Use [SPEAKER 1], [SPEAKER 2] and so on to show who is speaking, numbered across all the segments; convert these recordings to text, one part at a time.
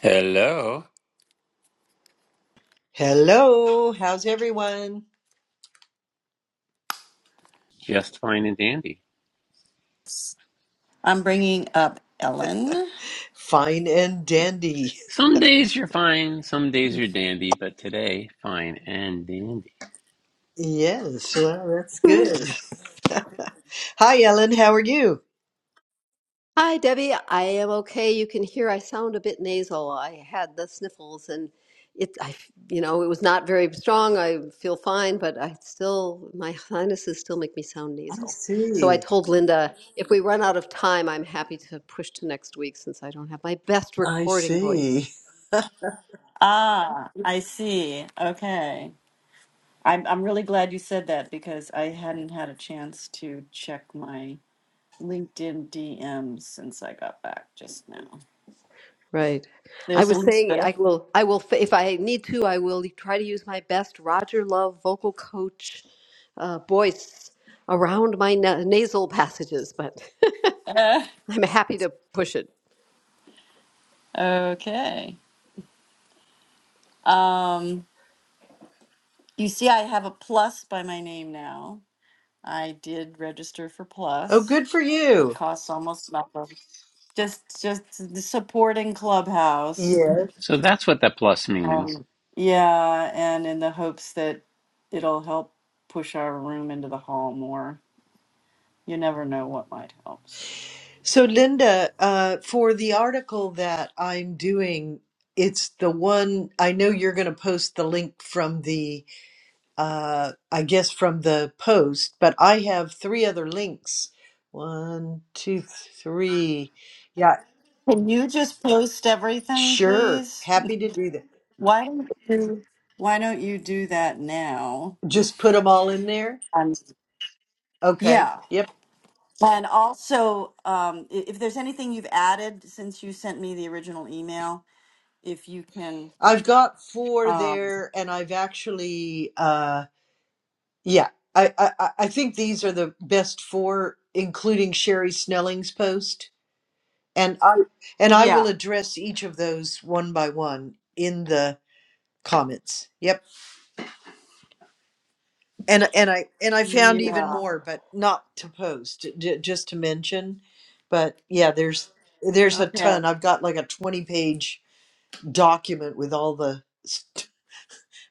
[SPEAKER 1] Hello.
[SPEAKER 2] Hello, how's everyone?
[SPEAKER 1] Just fine and dandy.
[SPEAKER 3] I'm bringing up Ellen.
[SPEAKER 2] Fine and dandy.
[SPEAKER 1] Some days you're fine, some days you're dandy, but today, fine and dandy.
[SPEAKER 2] Yes, well, that's good. Hi, Ellen, how are you?
[SPEAKER 4] Hi, Debbie. I am okay. You can hear I sound a bit nasal. I had the sniffles and it, I, you know, it was not very strong. I feel fine, but I still, my sinuses still make me sound
[SPEAKER 2] I
[SPEAKER 4] nasal. So I
[SPEAKER 2] see.
[SPEAKER 4] told Linda, if we run out of time, I'm happy to push to next week since I don't have my best
[SPEAKER 2] I
[SPEAKER 4] recording voice.
[SPEAKER 2] see.
[SPEAKER 3] Ah, I see. Okay. I'm I'm really glad you said that because I hadn't had a chance to check my LinkedIn DMs since I got back just now.
[SPEAKER 4] Right. I
[SPEAKER 3] There's
[SPEAKER 4] was saying
[SPEAKER 3] Elizabeth.
[SPEAKER 4] I will I will if I need to I will try to use my best Roger Love vocal coach uh, voice around my na- nasal passages, but
[SPEAKER 3] Uh,
[SPEAKER 4] I'm happy to push it.
[SPEAKER 3] okay. Um, you see, I have a plus by my name now. I did register for
[SPEAKER 2] Oh,
[SPEAKER 3] plus.
[SPEAKER 2] good for
[SPEAKER 3] It
[SPEAKER 2] you.
[SPEAKER 3] costs almost nothing. Just just the supporting Clubhouse.
[SPEAKER 2] Yes.
[SPEAKER 1] So that's what that plus means.
[SPEAKER 3] Um, yeah, and in the hopes that it'll help push our room into the hall more. You never know what might help. So.
[SPEAKER 2] So, Linda, uh, for the article that I'm doing, it's the one I know you're going to post the link from the, uh, I guess from the post, but I have three other links. One, two, three. Yeah.
[SPEAKER 3] Can you just post everything,
[SPEAKER 2] Sure.
[SPEAKER 3] please?
[SPEAKER 2] Happy to do that.
[SPEAKER 3] Why don't you? Why don't you do that now?
[SPEAKER 2] Just put them all in there.
[SPEAKER 3] Um,
[SPEAKER 2] Okay.
[SPEAKER 3] yeah,
[SPEAKER 2] Yep.
[SPEAKER 3] and also, um, i- if there's anything you've added since you sent me the original email, if you can,
[SPEAKER 2] I've got four
[SPEAKER 3] um,
[SPEAKER 2] there and I've actually uh yeah. I I I I think these are the best four including Sherry Snelling's post and I and I will
[SPEAKER 3] yeah,
[SPEAKER 2] address each of those one by one in the comments. Yep. And and I and I found even
[SPEAKER 3] yeah,
[SPEAKER 2] more but not to post j- just to mention. But yeah, there's there's a
[SPEAKER 3] okay.
[SPEAKER 2] ton. I've got like a 20 page document with all the st-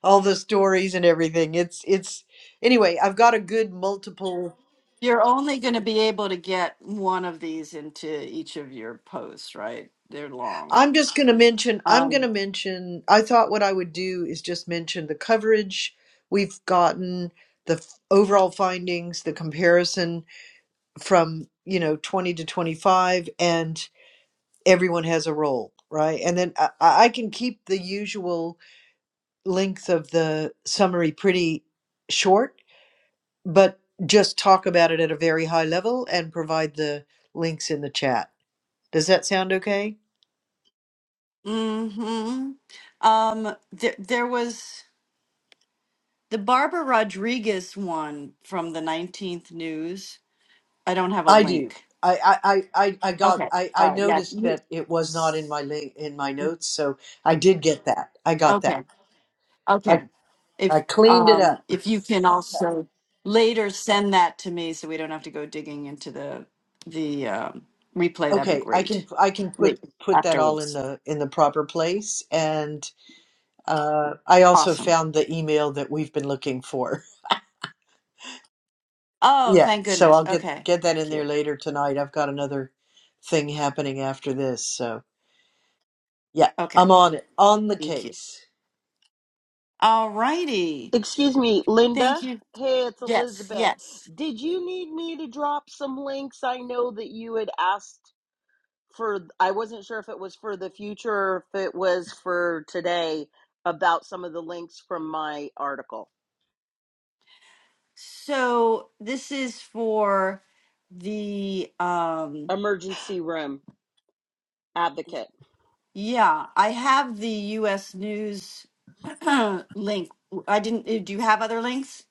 [SPEAKER 2] all the stories and everything. It's it's anyway, I've got a good multiple.
[SPEAKER 3] You're only going to be able to get one of these into each of your posts, right? They're long.
[SPEAKER 2] I'm just going to mention I'm going to
[SPEAKER 3] Um,
[SPEAKER 2] mention I thought what I would do is just mention the coverage we've gotten, the f- overall findings, the comparison from, you know, 20 to 25 and everyone has a role, right? And then I, I I can keep the usual length of the summary pretty short but just talk about it at a very high level and provide the links in the chat. Does that sound okay?
[SPEAKER 3] hmm Um, there, there was the Barbara Rodriguez one from the 19th News. I don't have a
[SPEAKER 2] I do.
[SPEAKER 3] link.
[SPEAKER 2] I, I, I, I I got
[SPEAKER 3] Okay.
[SPEAKER 2] I, I
[SPEAKER 3] All right. Yeah.
[SPEAKER 2] noticed
[SPEAKER 3] you-
[SPEAKER 2] that it was not in my link in my notes, so I did get that. I got that.
[SPEAKER 3] Okay. Okay.
[SPEAKER 2] I, I
[SPEAKER 3] If
[SPEAKER 2] cleaned it
[SPEAKER 3] um,
[SPEAKER 2] up.
[SPEAKER 3] if you can also later send that to me, so we don't have to go digging into the the um, replay, that'd be
[SPEAKER 2] Okay, I can
[SPEAKER 3] great.
[SPEAKER 2] I can put
[SPEAKER 3] Later
[SPEAKER 2] put that all in
[SPEAKER 3] afterwards.
[SPEAKER 2] the in the proper place. And uh, I also
[SPEAKER 3] Awesome.
[SPEAKER 2] found the email that we've been looking for.
[SPEAKER 3] Oh,
[SPEAKER 2] Yeah,
[SPEAKER 3] thank
[SPEAKER 2] so
[SPEAKER 3] goodness.
[SPEAKER 2] I'll get
[SPEAKER 3] Okay.
[SPEAKER 2] get that in
[SPEAKER 3] Thank
[SPEAKER 2] there
[SPEAKER 3] you.
[SPEAKER 2] later tonight. I've got another thing happening after this, so yeah,
[SPEAKER 3] Okay.
[SPEAKER 2] I'm on it, on the
[SPEAKER 3] Thank you.
[SPEAKER 2] case.
[SPEAKER 3] All righty.
[SPEAKER 5] Excuse me, Linda.
[SPEAKER 3] Thank you.
[SPEAKER 5] Hey, it's
[SPEAKER 3] Yes.
[SPEAKER 5] Elizabeth.
[SPEAKER 3] Yes.
[SPEAKER 5] Did you need me to drop some links? I know that you had asked for, I wasn't sure if it was for the future or if it was for today about some of the links from my article,
[SPEAKER 3] So this is for the um
[SPEAKER 5] Emergency Room Advocate.
[SPEAKER 3] yeah, I have the US news link. I didn't uh, do you have other links?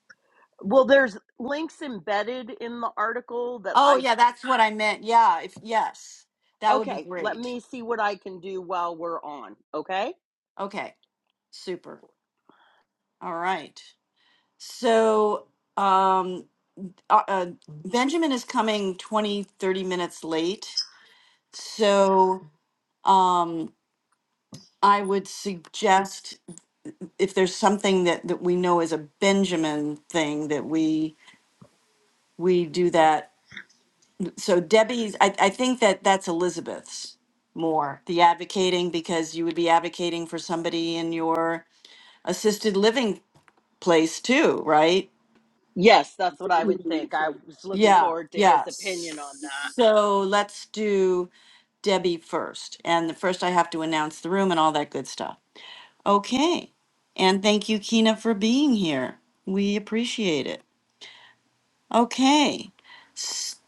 [SPEAKER 5] Well, there's links embedded in the article that
[SPEAKER 3] Oh,
[SPEAKER 5] I,
[SPEAKER 3] yeah, that's what I meant. Yeah, if yes. That would be
[SPEAKER 5] okay, let
[SPEAKER 3] great.
[SPEAKER 5] me see what I can do while we're on, okay?
[SPEAKER 3] Okay. Super. All right. So, um uh, uh, Benjamin is coming 20 30 minutes late. So um, I would suggest if there's something that, that we know is a Benjamin thing that we we do that. So Debbie's, I, I think that that's Elizabeth's more the advocating because you would be advocating for somebody in your assisted living place too, right?
[SPEAKER 5] Yes, that's what I would think. I was looking
[SPEAKER 3] Yeah,
[SPEAKER 5] forward to
[SPEAKER 3] yeah.
[SPEAKER 5] his opinion on that.
[SPEAKER 3] So let's do. Debbie first. And the first I have to announce the room and all that good stuff. Okay. And thank you, Kina, for being here. We appreciate it. Okay. S-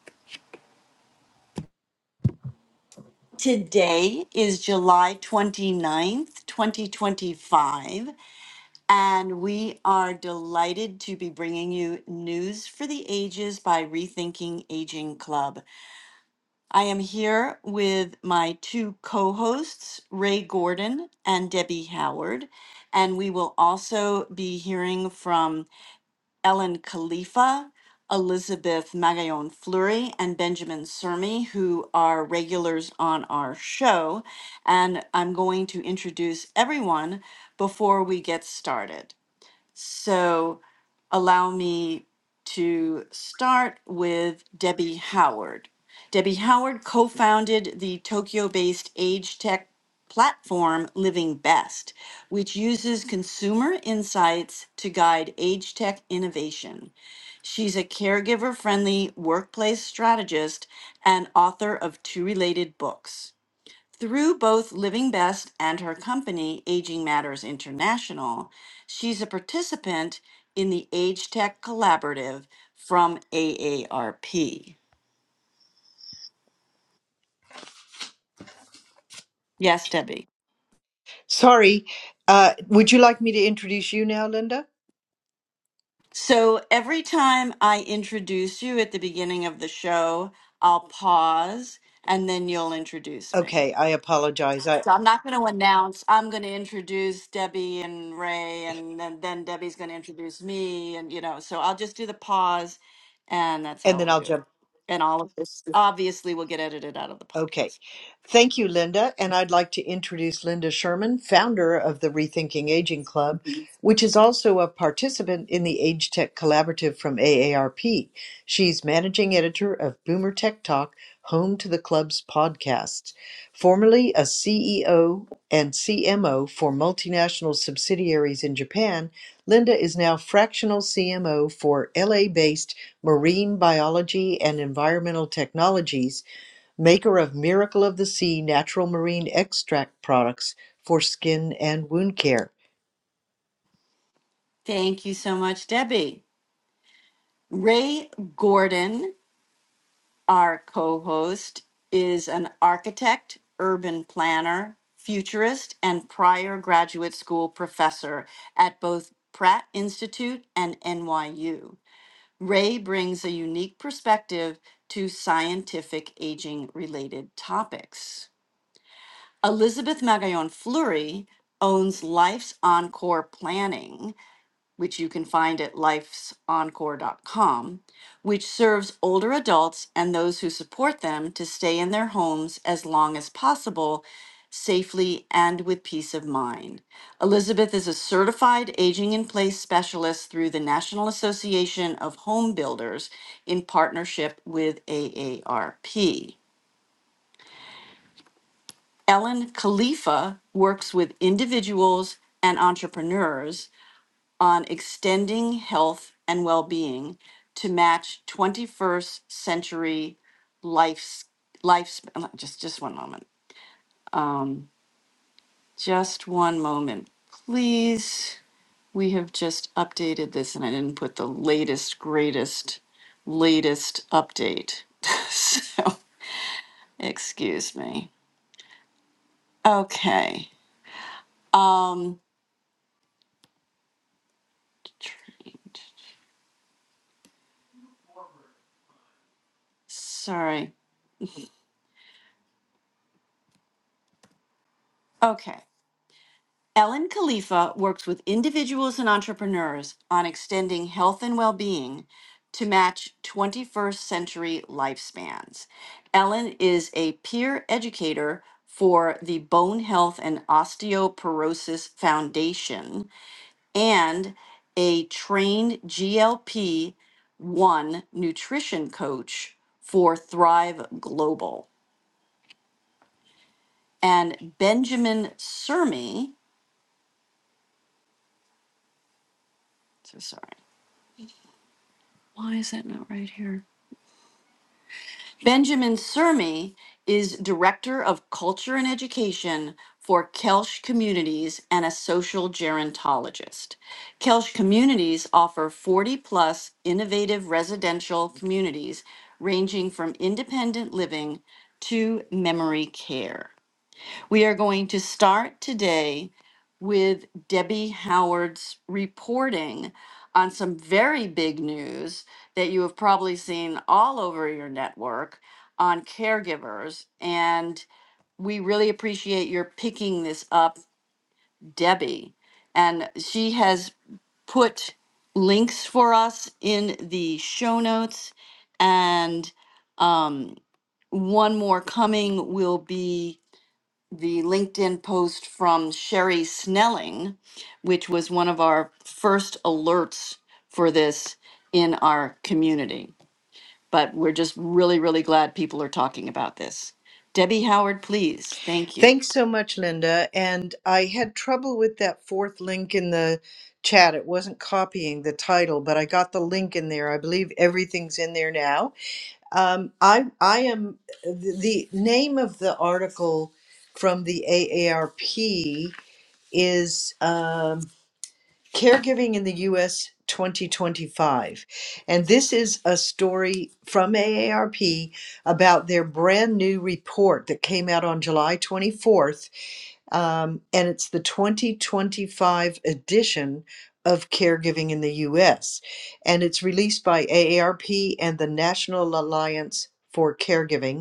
[SPEAKER 3] Today is July 29th, 2025, and we are delighted to be bringing you News for the Ages by Rethinking Aging Club. I am here with my two co hosts, Ray Gordon and Debbie Howard. And we will also be hearing from Ellen Khalifa, Elizabeth Magallon Fleury, and Benjamin Sermi, who are regulars on our show. And I'm going to introduce everyone before we get started. So allow me to start with Debbie Howard. Debbie Howard co founded the Tokyo based age tech platform Living Best, which uses consumer insights to guide age tech innovation. She's a caregiver friendly workplace strategist and author of two related books. Through both Living Best and her company, Aging Matters International, she's a participant in the Age Tech Collaborative from AARP. Yes, Debbie.
[SPEAKER 2] Sorry, uh, would you like me to introduce you now, Linda?
[SPEAKER 3] So every time I introduce you at the beginning of the show, I'll pause and then you'll introduce me.
[SPEAKER 2] Okay, I apologize. I
[SPEAKER 3] So I'm not going to announce. I'm going to introduce Debbie and Ray, and then, then Debbie's going to introduce me, and you know. So I'll just do the pause, and that's
[SPEAKER 2] and
[SPEAKER 3] how
[SPEAKER 2] then
[SPEAKER 3] we'll
[SPEAKER 2] I'll
[SPEAKER 3] do it.
[SPEAKER 2] jump.
[SPEAKER 3] And all of this obviously will get edited out of the
[SPEAKER 2] Okay.
[SPEAKER 3] podcast.
[SPEAKER 2] Thank you, Linda. And I'd like to introduce Linda Sherman, founder of the Rethinking Aging Club,
[SPEAKER 3] Mhm.
[SPEAKER 2] which is also a participant in the Age Tech Collaborative from AARP. She's managing editor of Boomer Tech Talk, home to the club's podcasts. Formerly a CEO and CMO for multinational subsidiaries in Japan, Linda is now fractional CMO for LA based Marine Biology and Environmental Technologies Maker of Miracle of the Sea natural marine extract products for skin and wound care.
[SPEAKER 3] Thank you so much, Debbie. Ray Gordon, our co host, is an architect, urban planner, futurist, and prior graduate school professor at both Pratt Institute and NYU. Ray brings a unique perspective to scientific aging related topics. Elizabeth Magallon Fleury owns Life's Encore Planning, which you can find at lifesencore.com, which serves older adults and those who support them to stay in their homes as long as possible, safely and with peace of mind. Elizabeth is a certified aging in place specialist through the National Association of Home Builders in partnership with AARP. Ellen Khalifa works with individuals and entrepreneurs on extending health and well-being to match 21st century life's life's uh, just just one moment just one moment please we have just updated this and i didn't put the latest greatest latest update so excuse me okay um trained. sorry. Okay. Ellen Khalifa works with individuals and entrepreneurs on extending health and well being to match 21st century lifespans. Ellen is a peer educator for the Bone Health and Osteoporosis Foundation and a trained GLP 1 nutrition coach for Thrive Global. And Benjamin Sermi, so sorry, why is that not right here? Benjamin Sermi is Director of Culture and Education for Kelsh Communities and a social gerontologist. Kelsh Communities offer 40 plus innovative residential communities ranging from independent living to memory care. We are going to start today with Debbie Howard's reporting on some very big news that you have probably seen all over your network on caregivers. And we really appreciate your picking this up, Debbie. And she has put links for us in the show notes. And um, one more coming will be the LinkedIn post from Sherry Snelling, which was one of our first alerts for this in our community. But we're just really, really glad people are talking about this. Debbie Howard, please. Thank you.
[SPEAKER 2] Thanks so much, Linda. And I had trouble with that fourth link in the chat. It wasn't copying the title, but I got the link in there. I believe everything's in there now. Um, I I am the the name of the article from the AARP is. um, Caregiving in the U.S. 2025. And this is a story from AARP about their brand new report that came out on July 24th. Um, and it's the 2025 edition of Caregiving in the U.S. And it's released by AARP and the National Alliance for Caregiving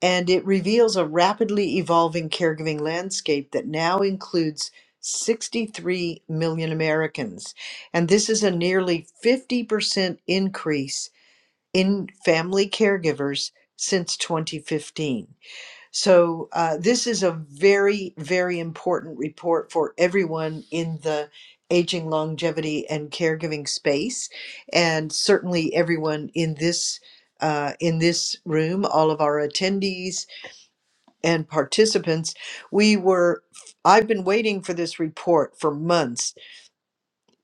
[SPEAKER 2] and it reveals a rapidly evolving caregiving landscape that now includes 63 million Americans. And this is a nearly 50% increase in family caregivers since 2015. So, uh, this is a very, very important report for everyone in the aging, longevity, and caregiving space, and certainly everyone in this. Uh, in this room, all of our attendees, and participants. We were, I've been waiting for this report for months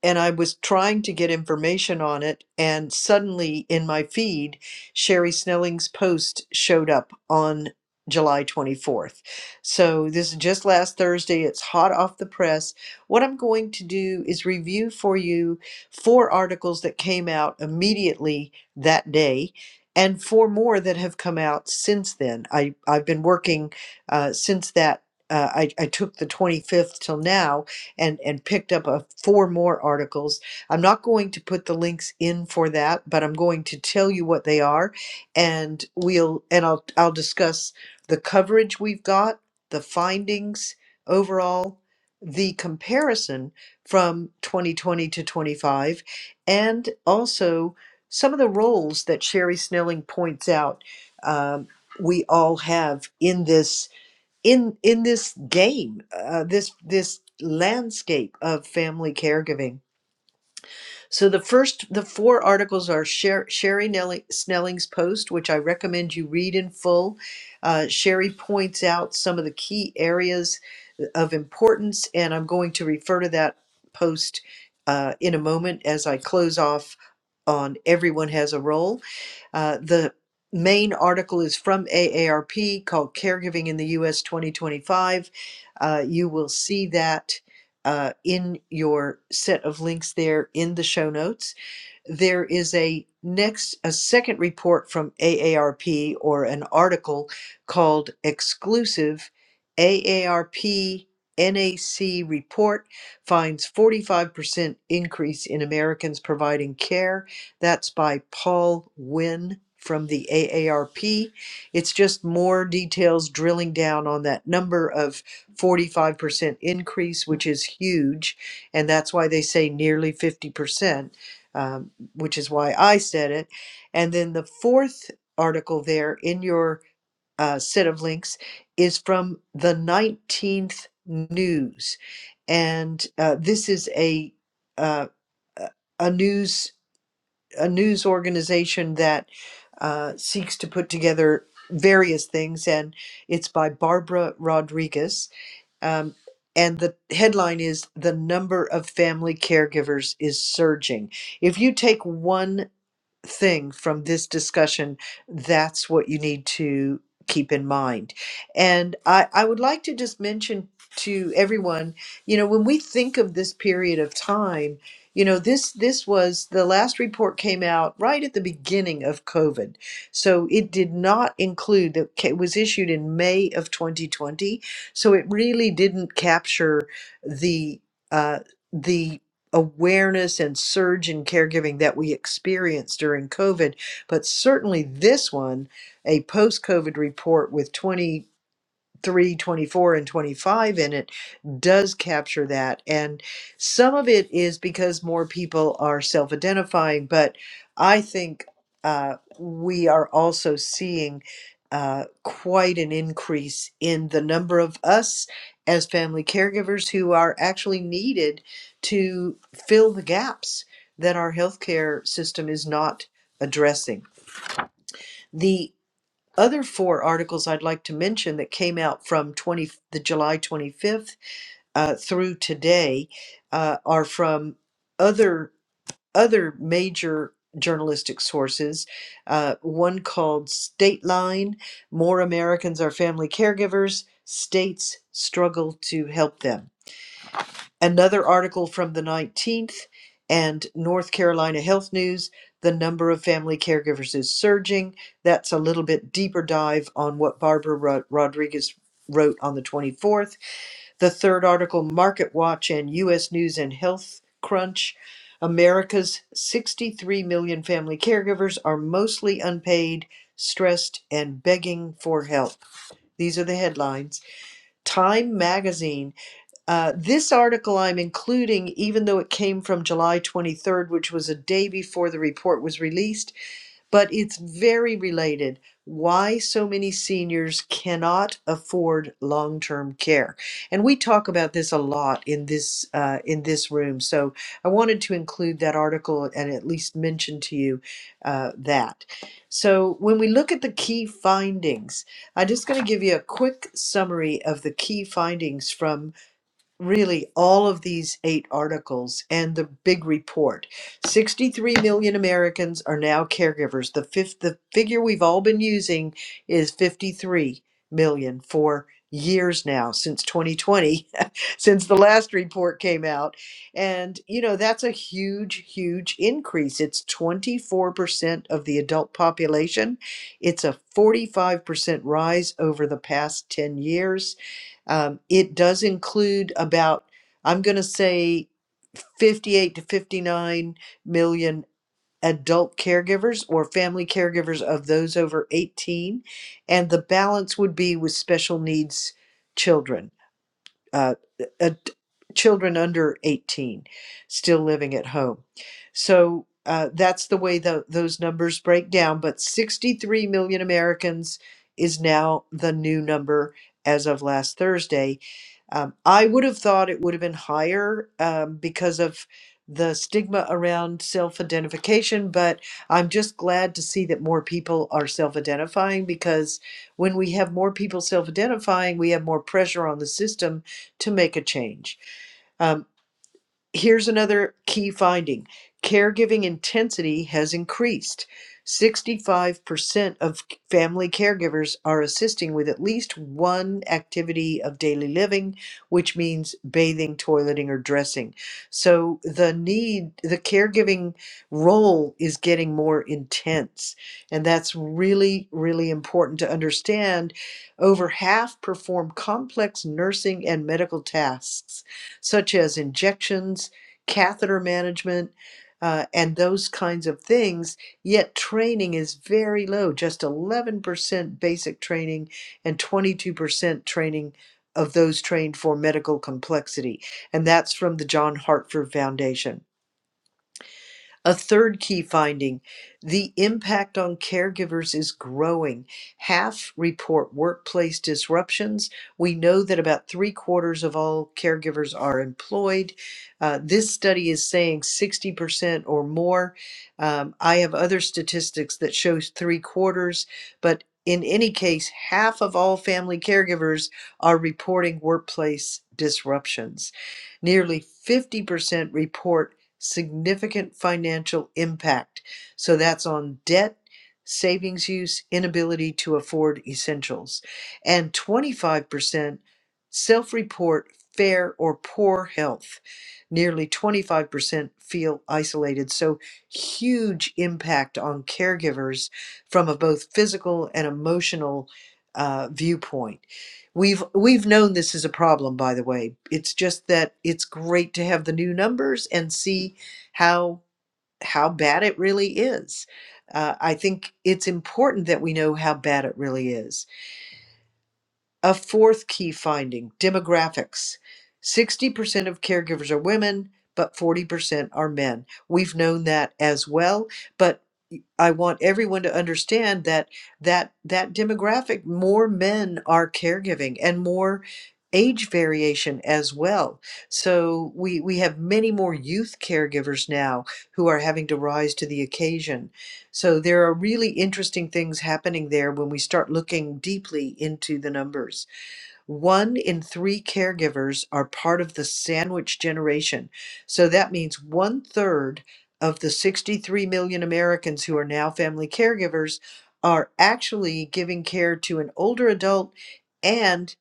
[SPEAKER 2] and I was trying to get information on it, and suddenly in my feed, Sherry Snelling's post showed up on July 24th. So this is just last Thursday. It's hot off the press. What I'm going to do is review for you four articles that came out immediately that day. And four more that have come out since then. I, I've been working uh, since that, uh, I, I took the 25th till now and and picked up a, four more articles. I'm not going to put the links in for that, but I'm going to tell you what they are, and we'll and I'll I'll discuss the coverage we've got, the findings overall, the comparison from 2020 to 25, and also some of the roles that Sherry Snelling points out um, we all have in this in in this game uh, this this landscape of family caregiving so the first the four articles are Sher- sherry Nelly- snelling's post which i recommend you read in full uh, sherry points out some of the key areas uh, of importance and i'm going to refer to that post uh, in a moment as i close off on everyone has a role uh, the main article is from AARP called Caregiving in the US 2025. Uh, you will see that uh, in your set of links there in the show notes there is a next a second report from AARP or an article called exclusive AARP NAC report finds 45% increase in Americans providing care. That's by Paul Wynn from the AARP. It's just more details drilling down on that number of 45% increase, which is huge. And that's why they say nearly 50% which is why I said it. And then the fourth article there in your uh, set of links is from the 19th News. And uh, this is a, uh, a a news a news organization that uh, seeks to put together various things, and it's by Barbara Rodriguez. Um, and the headline is The Number of Family Caregivers is Surging. If you take one thing from this discussion, that's what you need to keep in mind. And I, I would like to just mention to everyone, you know, when we think of this period of time, you know, this this was the last report came out right at the beginning of COVID. So it did not include the it was issued in May of 2020. So it really didn't capture the uh, the awareness and surge in caregiving that we experienced during COVID, but certainly this one, a post COVID report with 20. 3, 24, and 25 in it does capture that and some of it is because more people are self-identifying but i think uh, we are also seeing uh, quite an increase in the number of us as family caregivers who are actually needed to fill the gaps that our healthcare system is not addressing other four articles I'd like to mention that came out from 20, the July 25th uh, through today uh, are from other other major journalistic sources. Uh, one called Stateline: More Americans Are Family Caregivers. States struggle to help them Another article from the 19th and North Carolina Health News the number of family caregivers is surging. That's a little bit deeper dive on what Barbara Ro- Rodriguez wrote on the 24th. The third article, Market Watch and U.S. News and Health Crunch. America's 63 million family caregivers are mostly unpaid, stressed, and begging for help. These are the headlines. Time Magazine uh, this article I'm including, even though it came from July 23rd, which was a day before the report was released, but it's very related. Why so many seniors cannot afford long-term care, and we talk about this a lot in this uh, in this room. So I wanted to include that article and at least mention to you uh, that. So when we look at the key findings, I'm just going to give you a quick summary of the key findings from really all of these eight articles and the big report 63 million americans are now caregivers the fifth the figure we've all been using is 53 million for years now since 2020 since the last report came out and you know that's a huge huge increase it's 24% of the adult population it's a 45% rise over the past 10 years um, it does include about, I'm going to say, 58 to 59 million adult caregivers or family caregivers of those over 18. And the balance would be with special needs children uh, ad- children under 18 still living at home. So uh, that's the way tho- those numbers break down. But 63 million Americans is now the new number as of last Thursday. Um, I would have thought it would have been higher um, because of the stigma around self identification, but I'm just glad to see that more people are self identifying because when we have more people self identifying, we have more pressure on the system to make a change. Um, Here's another key finding caregiving intensity has increased. 65% of family caregivers are assisting with at least one activity of daily living, which means bathing, toileting, or dressing. So the need, the caregiving role is getting more intense. And that's really, really important to understand. Over half perform complex nursing and medical tasks such as injections, catheter management, uh, and those kinds of things, yet training is very low, just 11% basic training and 22% training of those trained for medical complexity. And that's from the John Hartford Foundation. A third key finding the impact on caregivers is growing. Half report workplace disruptions. We know that about three quarters of all caregivers are employed. Uh, this study is saying 60% or more. Um, I have other statistics that shows three quarters, but in any case, half of all family caregivers are reporting workplace disruptions. Nearly 50% report significant financial impact. So that's on debt, savings use, inability to afford essentials, and 25% self report fair or poor health. Nearly 25% feel isolated. So huge impact on caregivers from a both physical and emotional uh, viewpoint We've we've known this is a problem, by the way. It's just that it's great to have the new numbers and see how how bad it really is. Uh, I think it's important that we know how bad it really is a fourth key finding demographics. 60% of caregivers are women, but 40% are men. We've known that as well, but I want everyone to understand that that that demographic more men are caregiving and more age variation as well. So we we have many more youth caregivers now who are having to rise to the occasion. So there are really interesting things happening there when we start looking deeply into the numbers. One in three caregivers are part of the sandwich generation. So that means one third of the 63 million Americans who are now family caregivers are actually giving care to an older adult and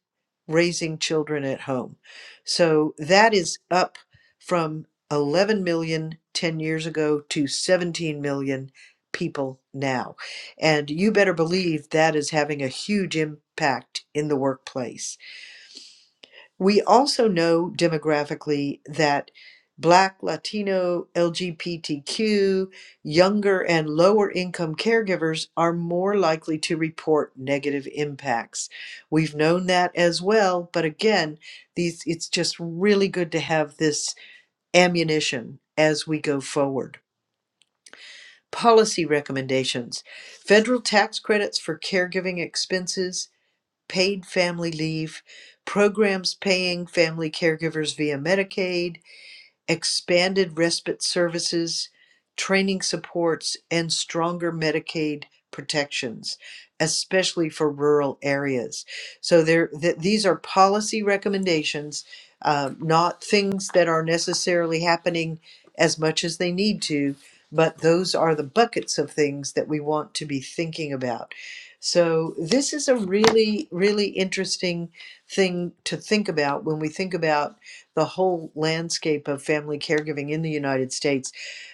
[SPEAKER 2] raising children at home. So that is up from 11 million 10 years ago to 17 million people now. And you better believe that is having a huge impact in the workplace we also know demographically that Black, Latino, LGBTQ, younger, and lower income caregivers are more likely to report negative impacts. We've known that as well, but again, these it's just really good to have this ammunition as we go forward. Policy recommendations. Federal tax credits for caregiving expenses, paid family leave, programs paying family caregivers via Medicaid, expanded respite services, training supports, and stronger Medicaid protections, especially for rural areas. So there, th- these are policy recommendations, um, not things that are necessarily happening as much as they need to, but those are the buckets of things that we want to be thinking about. So this is a really, really interesting thing to think about when we think about the whole landscape of family caregiving in the United States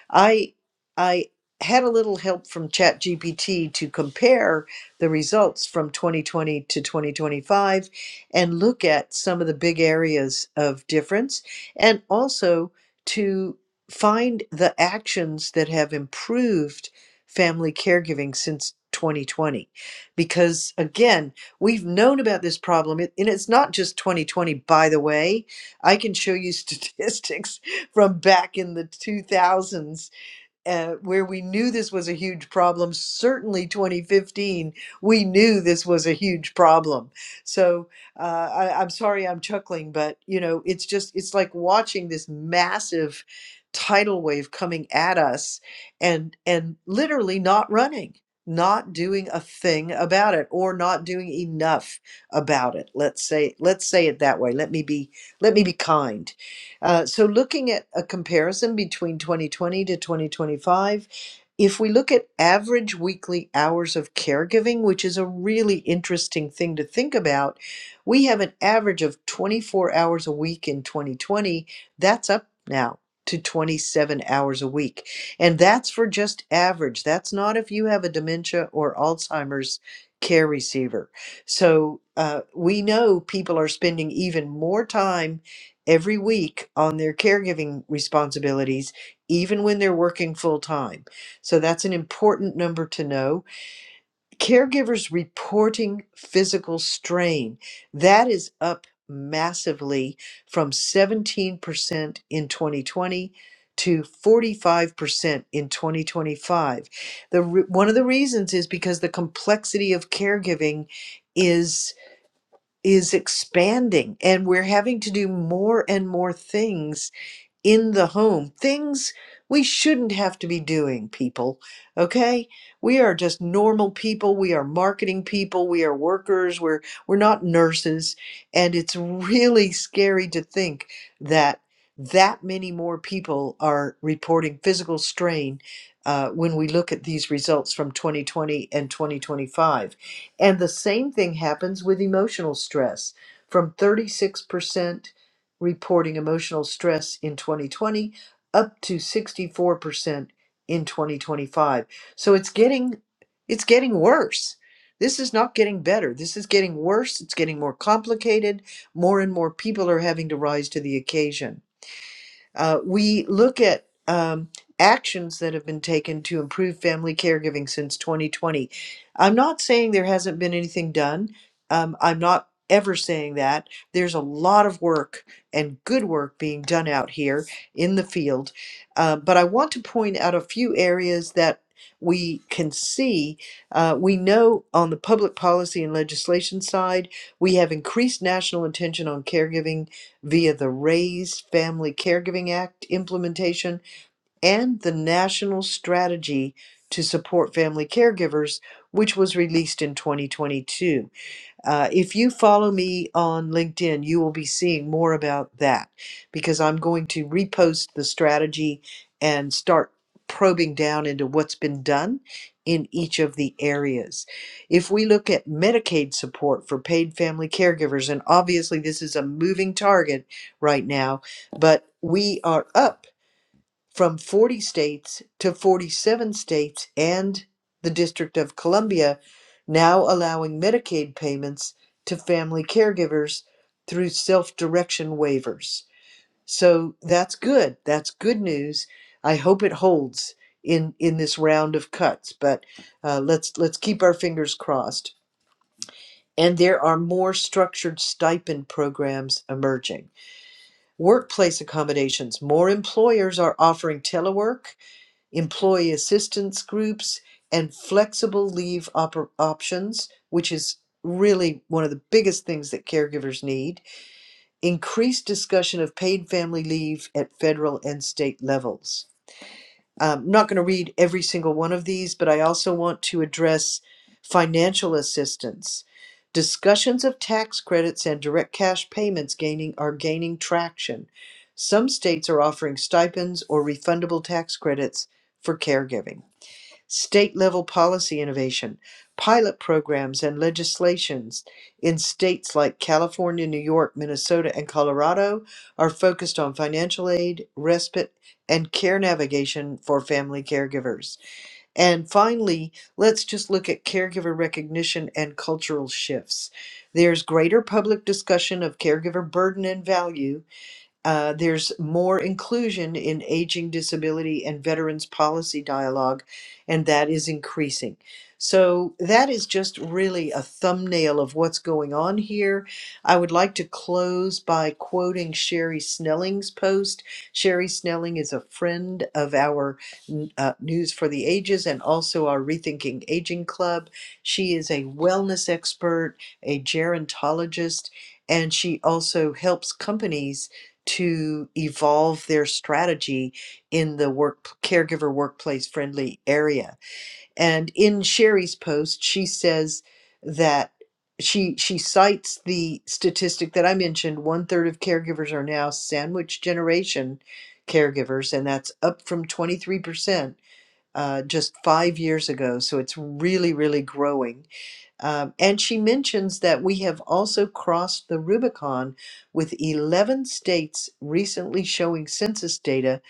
[SPEAKER 2] I I had a little help from ChatGPT to compare the results from 2020 to 2025 and look at some of the big areas of difference and also to find the actions that have improved family caregiving since 2020 because again we've known about this problem it- and it's not just 2020 by the way i can show you statistics from back in the 2000s uh, where we knew this was a huge problem. Certainly, 2015, we knew this was a huge problem. So uh, I, I'm sorry, I'm chuckling, but you know, it's just it's like watching this massive tidal wave coming at us, and and literally not running, not doing a thing about it, or not doing enough about it. Let's say let's say it that way. Let me be let me be kind uh, so, looking at a comparison between 2020 to 2025, if we look at average weekly hours of caregiving, which is a really interesting thing to think about, we have an average of 24 hours a week in 2020. That's up now to 27 hours a week. And that's for just average. That's not if you have a dementia or Alzheimer's care receiver. So uh, we know people are spending even more time every week on their caregiving responsibilities, even when they're working full time. So that's an important number to know. Caregivers reporting physical strain, that is up massively from 17% in 2020 to 45% in 2025. The re- one of the reasons is because the complexity of caregiving is is expanding and we're having to do more and more things in the home. Things we shouldn't have to be doing, people. Okay? We are just normal people. We are marketing people. We are workers. We're we're not nurses. And it's really scary to think that that many more people are reporting physical strain uh, when we look at these results from 2020 and 2025. And the same thing happens with emotional stress from 36% reporting emotional stress in 2020, up to 64% in 2025. So it's getting it's getting worse. This is not getting better. This is getting worse. It's getting more complicated. More and more people are having to rise to the occasion. Uh, we look at um, actions that have been taken to improve family caregiving since 2020. I'm not saying there hasn't been anything done. Um, I'm not ever saying that. There's a lot of work and good work being done out here in the field. Uh, but I want to point out a few areas that we can see. Uh, we know on the public policy and legislation side, we have increased national attention on caregiving via the RAISE Family Caregiving Act implementation and the National Strategy to Support Family Caregivers, which was released in 2022. Uh, if you follow me on LinkedIn, you will be seeing more about that because I'm going to repost the strategy and start probing down into what's been done in each of the areas. If we look at Medicaid support for paid family caregivers, and obviously this is a moving target right now, but we are up from 40 states to 47 states and the District of Columbia, now allowing Medicaid payments to family caregivers through self direction waivers. So that's good. That's good news. I hope it holds in, in this round of cuts, but uh, let's, let's keep our fingers crossed. And there are more structured stipend programs emerging. Workplace accommodations. More employers are offering telework employee assistance groups, and flexible leave op- options, which is really one of the biggest things that caregivers need, increased discussion of paid family leave at federal and state levels. Um, I'm not going to read every single one of these, but I also want to address financial assistance. Discussions of tax credits and direct cash payments gaining are gaining traction. Some states are offering stipends or refundable tax credits for caregiving state level policy innovation, pilot programs, and legislations in states like California, New York, Minnesota, and Colorado are focused on financial aid, respite, and care navigation for family caregivers. And finally, let's just look at caregiver recognition and cultural shifts. There's greater public discussion of caregiver burden and value uh, there's more inclusion in aging, disability, and veterans policy dialogue, and that is increasing. So, that is just really a thumbnail of what's going on here. I would like to close by quoting Sherry Snelling's post. Sherry Snelling is a friend of our uh, News for the Ages and also our Rethinking Aging Club. She is a wellness expert, a gerontologist, and she also helps companies to evolve their strategy in the work caregiver workplace friendly area. And in Sherry's post, she says that she she cites the statistic that I mentioned, one third of caregivers are now sandwich generation caregivers, and that's up from 23% uh, just five years ago. So it's really, really growing um, and she mentions that we have also crossed the Rubicon with 11 states recently showing census data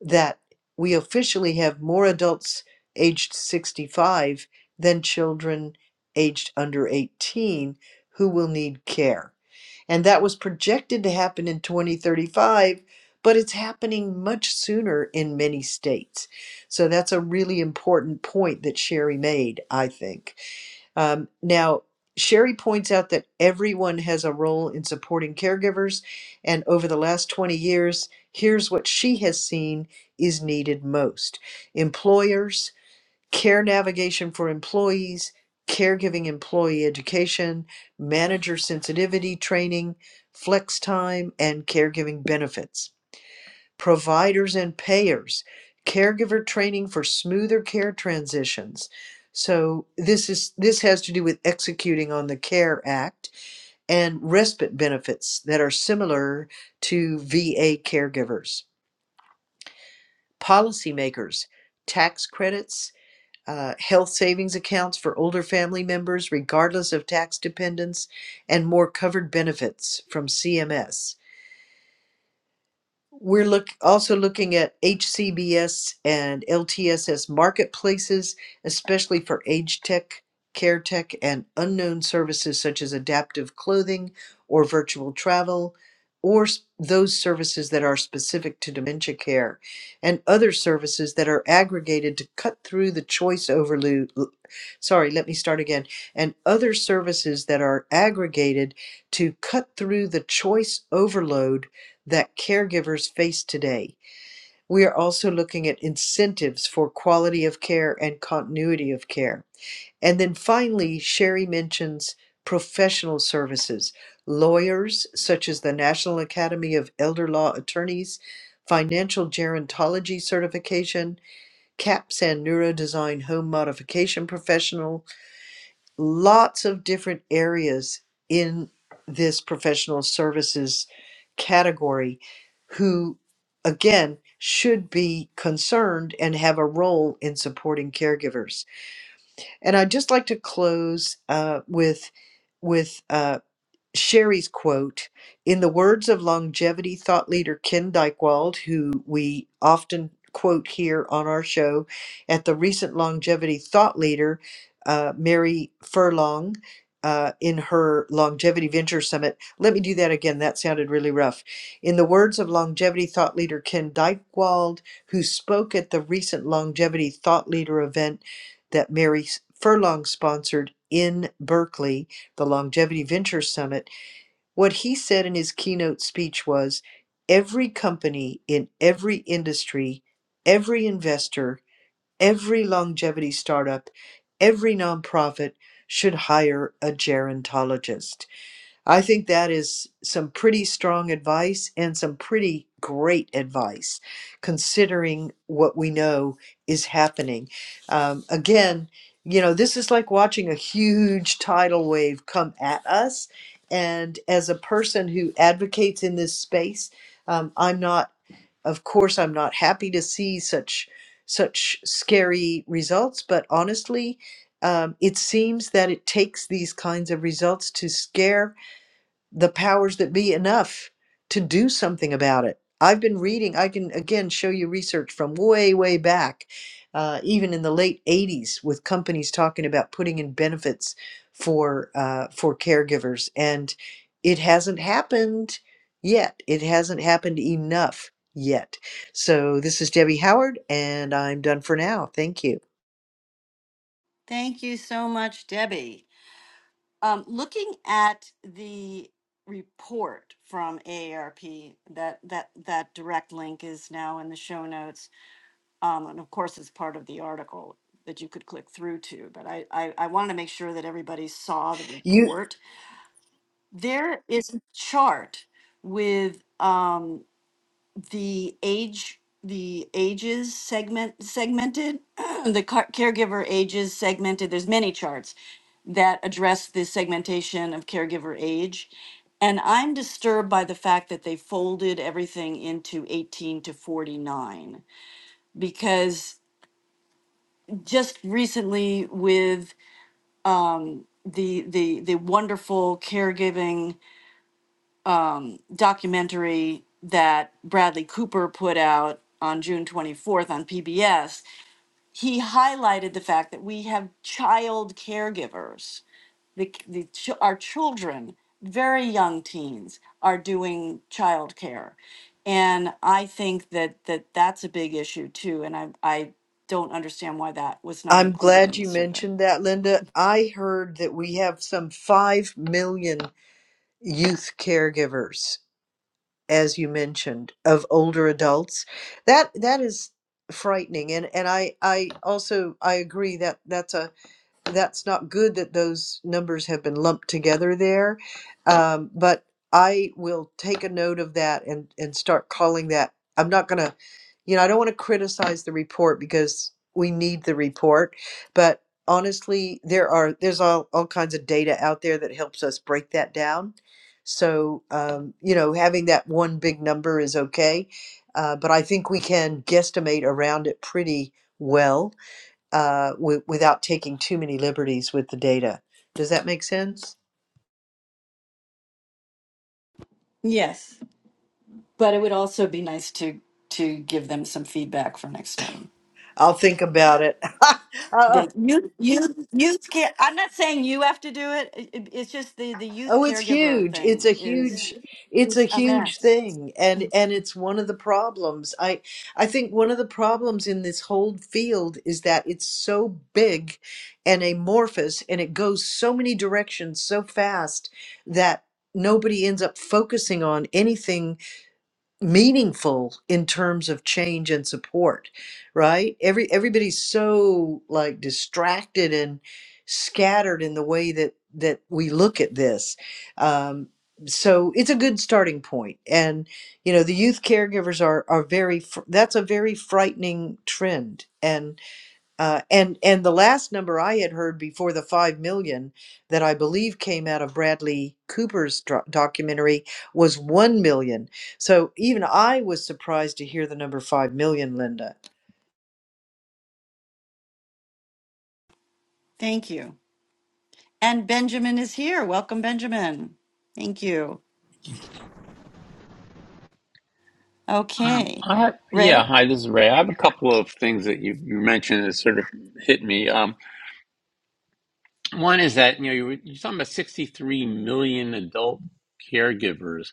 [SPEAKER 2] that we officially have more adults aged 65 than children aged under 18 who will need care. And that was projected to happen in 2035, but it's happening much sooner in many states. So that's a really important point that Sherry made, I think. Um, now, Sherry points out that everyone has a role in supporting caregivers, and over the last 20 years, here's what she has seen is needed most employers, care navigation for employees, caregiving employee education, manager sensitivity training, flex time, and caregiving benefits providers and payers, caregiver training for smoother care transitions. So this is this has to do with executing on the CARE Act and respite benefits that are similar to VA caregivers. Policymakers, tax credits, uh, health savings accounts for older family members, regardless of tax dependence, and more covered benefits from CMS We're look also looking at HCBS and LTSS marketplaces, especially for age tech, care tech, and unknown services such as adaptive clothing or virtual travel, or s- those services that are specific to dementia care, and other services that are aggregated to cut through the choice overload. Sorry, let me start again. And other services that are aggregated to cut through the choice overload that caregivers face today. We are also looking at incentives for quality of care and continuity of care. And then finally, Sherry mentions professional services, lawyers such as the National Academy of Elder Law Attorneys, financial gerontology certification, CAPS and neurodesign home modification professional, lots of different areas in this professional services category who, again, should be concerned and have a role in supporting caregivers. And I'd just like to close uh, with with. Uh, Sherry's quote In the words of longevity thought leader Ken Dykewald, who we often quote here on our show, at the recent longevity thought leader, uh, Mary Furlong, uh, in her Longevity Venture Summit. Let me do that again. That sounded really rough. In the words of longevity thought leader Ken Dykewald, who spoke at the recent Longevity Thought Leader event that Mary Furlong sponsored in Berkeley, the Longevity Venture Summit. What he said in his keynote speech was every company in every industry, every investor, every longevity startup, every nonprofit should hire a gerontologist. I think that is some pretty strong advice and some pretty great advice, considering what we know is happening. Um, again, you know, this is like watching a huge tidal wave come at us. And as a person who advocates in this space, um, I'm not, of course, I'm not happy to see such such scary results. But honestly, um, it seems that it takes these kinds of results to scare the powers that be enough to do something about it. I've been reading, I can again show you research from way, way back, uh, even in the late 80s, with companies talking about putting in benefits for, uh, for caregivers. And it hasn't happened yet. It hasn't happened enough yet. So this is Debbie Howard, and I'm done for now. Thank you.
[SPEAKER 3] Thank you so much, Debbie. Um, looking at the report from AARP, that that that direct link is now in the show notes Um, and of course, it's part of the article that you could click through to, but I, I, I wanted to make sure that everybody saw the
[SPEAKER 2] You,
[SPEAKER 3] report. There is a chart with, um, the age, the ages segment, segmented, the car- caregiver ages segmented. There's many charts that address the segmentation of caregiver age. And I'm disturbed by the fact that they folded everything into 18 to 49 because just recently with the the the wonderful caregiving documentary that Bradley Cooper put out on June 24th on PBS, he highlighted the fact that we have child caregivers. The, the ch- our children, very young teens, are doing child care, and I think that that that's a big issue too. And I I don't understand why that was not
[SPEAKER 2] I'm
[SPEAKER 3] included
[SPEAKER 2] glad
[SPEAKER 3] in the
[SPEAKER 2] you
[SPEAKER 3] survey.
[SPEAKER 2] mentioned that, Linda. I heard that we have some 5 million youth caregivers as you mentioned of older adults that that is frightening and and i i also i agree that that's a that's not good that those numbers have been lumped together there. Um, but I will take a note of that and, and start calling that. I'm not going to, you know, I don't want to criticize the report because we need the report, but honestly, there are, there's all, all kinds of data out there that helps us break that down. So, um, you know, having that one big number is okay. Uh, but I think we can guesstimate around it pretty well uh, w- without taking too many liberties with the data. Does that make sense?
[SPEAKER 3] Yes. But it would also be nice to to give them some feedback for next time.
[SPEAKER 2] I'll think about it. Uh,
[SPEAKER 3] That you you youth care. I'm not saying you have to do it. It- it- It's just the the youth
[SPEAKER 2] oh, it's
[SPEAKER 3] caregiver
[SPEAKER 2] huge. It's
[SPEAKER 3] thing
[SPEAKER 2] a
[SPEAKER 3] is
[SPEAKER 2] huge. It's a
[SPEAKER 3] is a
[SPEAKER 2] huge
[SPEAKER 3] mess.
[SPEAKER 2] thing, and and it's one of the problems. I I think one of the problems in this whole field is that it's so big and amorphous, and it goes so many directions so fast that nobody ends up focusing on anything meaningful in terms of change and support right every everybody's so like distracted and scattered in the way that that we look at this um, so it's a good starting point point. and you know the youth caregivers are are very fr- that's a very frightening trend uh, and and the last number I had heard before the five million that I believe came out of Bradley Cooper's dro- documentary was one million. So even I was surprised to hear the number five million, Linda.
[SPEAKER 3] Thank you. And Benjamin is here. Welcome, Benjamin. Thank you.
[SPEAKER 1] Um,
[SPEAKER 3] Okay.
[SPEAKER 1] I have,
[SPEAKER 3] Ray.
[SPEAKER 1] yeah, hi, this is Ray. I have a couple of things that you, you mentioned that sort of hit me. Um, One is that you know you were, you're talking about 63 million adult caregivers.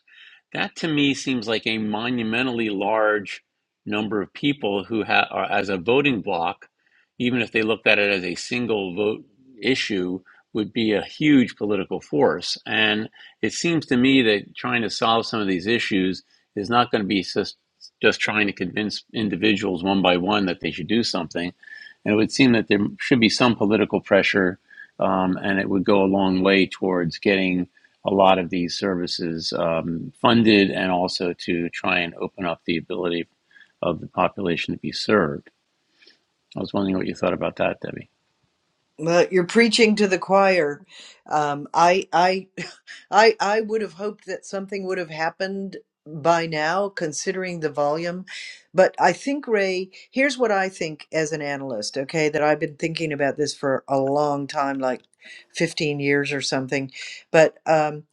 [SPEAKER 1] That to me seems like a monumentally large number of people who ha- are as a voting block, even if they looked at it as a single vote issue, would be a huge political force. And it seems to me that trying to solve some of these issues is not going to be just just trying to convince individuals one by one that they should do something and it would seem that there should be some political pressure, um, and it would go a long way towards getting a lot of these services um, funded and also to try and open up the ability of the population to be served. I was wondering what you thought about that, Debbie.
[SPEAKER 2] Well, you're preaching to the choir. Um, I, I, I, I would have hoped that something would have happened by now, considering the volume. But I think, Ray, here's what I think as an analyst, okay, that I've been thinking about this for a long time, like 15 years or something. But, um,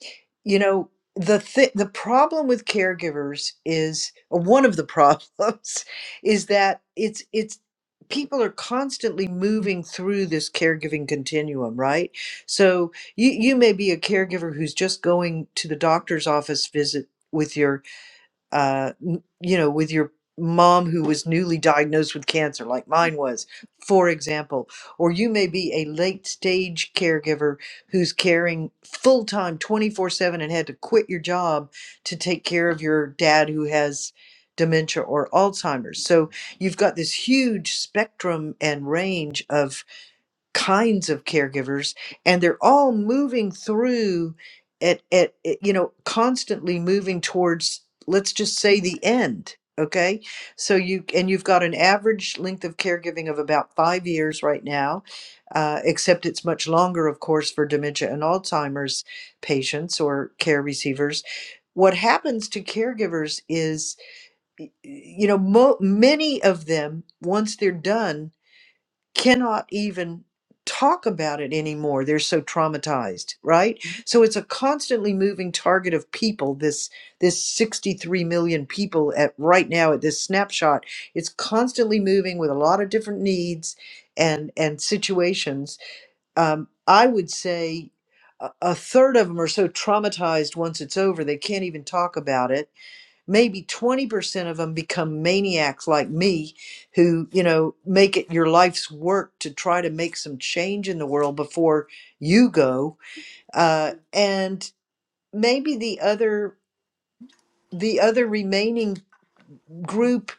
[SPEAKER 2] you know, the th- the problem with caregivers is or one of the problems is that it's it's people are constantly moving through this caregiving continuum, right? So you you may be a caregiver who's just going to the doctor's office visit with your uh, n- you know, with your mom who was newly diagnosed with cancer, like mine was, for example, or you may be a late stage caregiver who's caring full time 24 7 and had to quit your job to take care of your dad who has dementia or Alzheimer's. So you've got this huge spectrum and range of kinds of caregivers and they're all moving through at, at at, you know constantly moving towards let's just say the end okay so you and you've got an average length of caregiving of about five years right now uh, except it's much longer of course for dementia and alzheimer's patients or care receivers what happens to caregivers is y- you know mo- many of them once they're done cannot even talk about it anymore. They're so traumatized, right? So it's a constantly moving target of people. This this 63 million people at right now at this snapshot, it's constantly moving with a lot of different needs and and situations. Um, I would say a a third of them are so traumatized once it's over they can't even talk about it maybe 20% of them become maniacs like me who you know make it your life's work to try to make some change in the world before you go uh, and maybe the other the other remaining group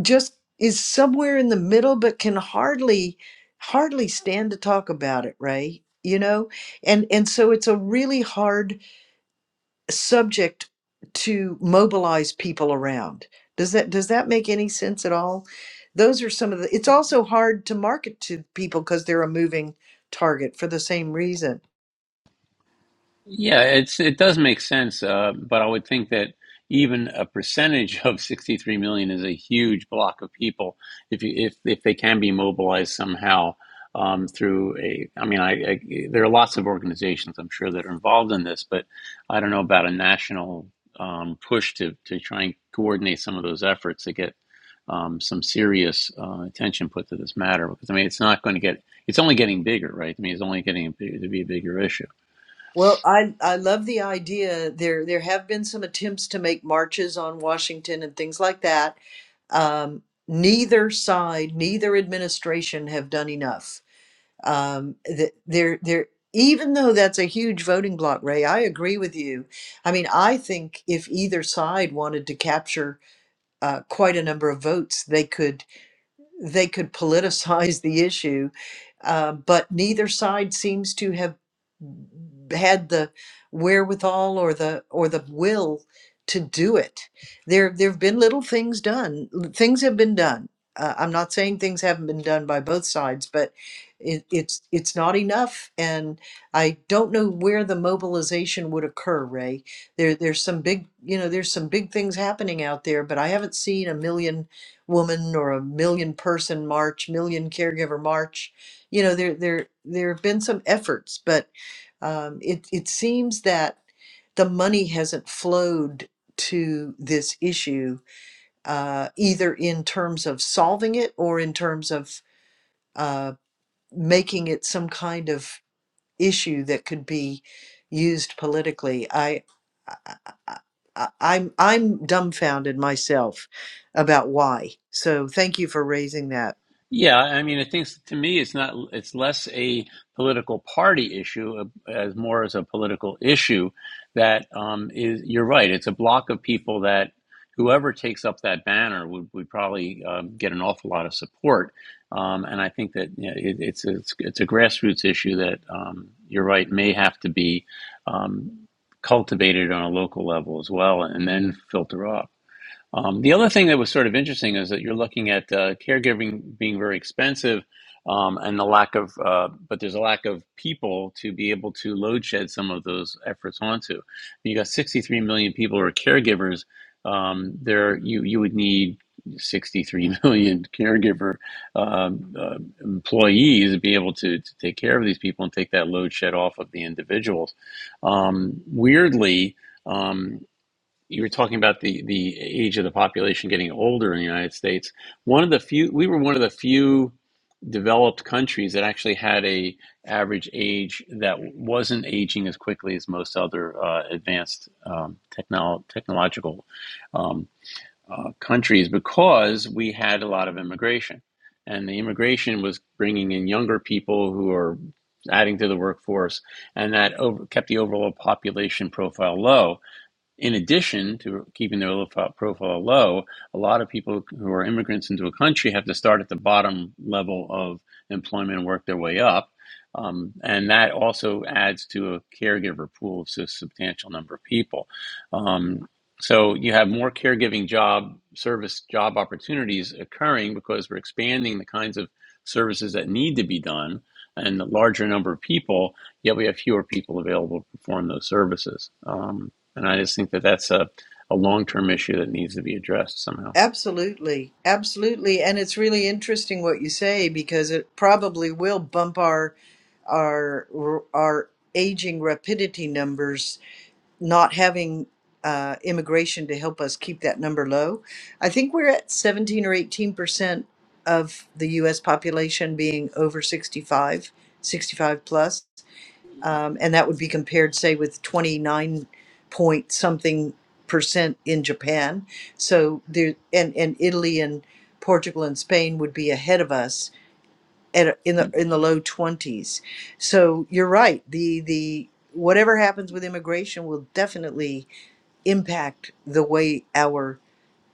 [SPEAKER 2] just is somewhere in the middle but can hardly hardly stand to talk about it ray you know and and so it's a really hard subject to mobilize people around. Does that does that make any sense at all? Those are some of the it's also hard to market to people because they're a moving target for the same reason.
[SPEAKER 1] Yeah, it's it does make sense, uh, but I would think that even a percentage of 63 million is a huge block of people if you, if if they can be mobilized somehow um, through a. I mean, I, I there are lots of organizations I'm sure that are involved in this, but I don't know about a national um, push to to try and coordinate some of those efforts to get um, some serious uh, attention put to this matter because I mean it's not going to get it's only getting bigger, right? I mean it's only getting to be a bigger issue.
[SPEAKER 2] Well, I I love the idea. There there have been some attempts to make marches on Washington and things like that. Um, neither side, neither administration have done enough um, th- there there even though that's a huge voting bloc, ray i agree with you i mean i think if either side wanted to capture uh, quite a number of votes they could they could politicize the issue, uh, but neither side seems to have had the wherewithal or the or the will to do it. There there have been little things done. l- Things have been done. Uh, I'm not saying things haven't been done by both sides, but it, it's it's not enough. And I don't know where the mobilization would occur, Ray. There there's some big you know there's some big things happening out there, but I haven't seen a million woman or a million person march, million caregiver march. You know, there there there have been some efforts, but um, it it seems that the money hasn't flowed to this issue uh, either in terms of solving it or in terms of uh, making it some kind of issue that could be used politically. I, I, I I- I'm I'm dumbfounded myself about why. So thank you for raising that.
[SPEAKER 1] Yeah, I mean, I think to me, it's not. It's less a political party issue uh, as more as a political issue that um, is. You're right. It's a block of people that whoever takes up that banner would, would probably um, get an awful lot of support. Um, and I think that you know, it, it's, it's it's a grassroots issue that um, you're right may have to be um, cultivated on a local level as well, and then filter up. Um, the other thing that was sort of interesting is that you're looking at uh, caregiving being very expensive, um, and the lack of, uh, but there's a lack of people to be able to load shed some of those efforts onto. You got 63 million people who are caregivers. Um, there, you you would need 63 million caregiver um, uh, employees to be able to, to take care of these people and take that load shed off of the individuals. Um, weirdly. um, you were talking about the the age of the population getting older in the United States. One of the few we were one of the few developed countries that actually had a average age that wasn't aging as quickly as most other uh, advanced um, technol technological um, uh, countries because we had a lot of immigration, and the immigration was bringing in younger people who are adding to the workforce, and that over, kept the overall population profile low in addition to keeping their profile, low, a lot of people who are immigrants into a country have to start at the bottom level of employment and work their way up. Um, and that also adds to a caregiver pool of a substantial number of people. Um, so you have more caregiving job service job opportunities occurring because we're expanding the kinds of services that need to be done and a larger number of people, yet we have fewer people available to perform those services. Um, and I just think that that's a, a long term issue that needs to be addressed somehow.
[SPEAKER 2] Absolutely, absolutely, and it's really interesting what you say because it probably will bump our our our aging rapidity numbers not having uh, immigration to help us keep that number low. I think we're at 17 or 18 percent of the U.S. population being over 65, 65 plus, um, and that would be compared, say, with 29 point something percent in Japan. So there, and and Italy and Portugal and Spain would be ahead of us at a- in the in the low 20s. So you're right. The the whatever happens with immigration will definitely impact the way our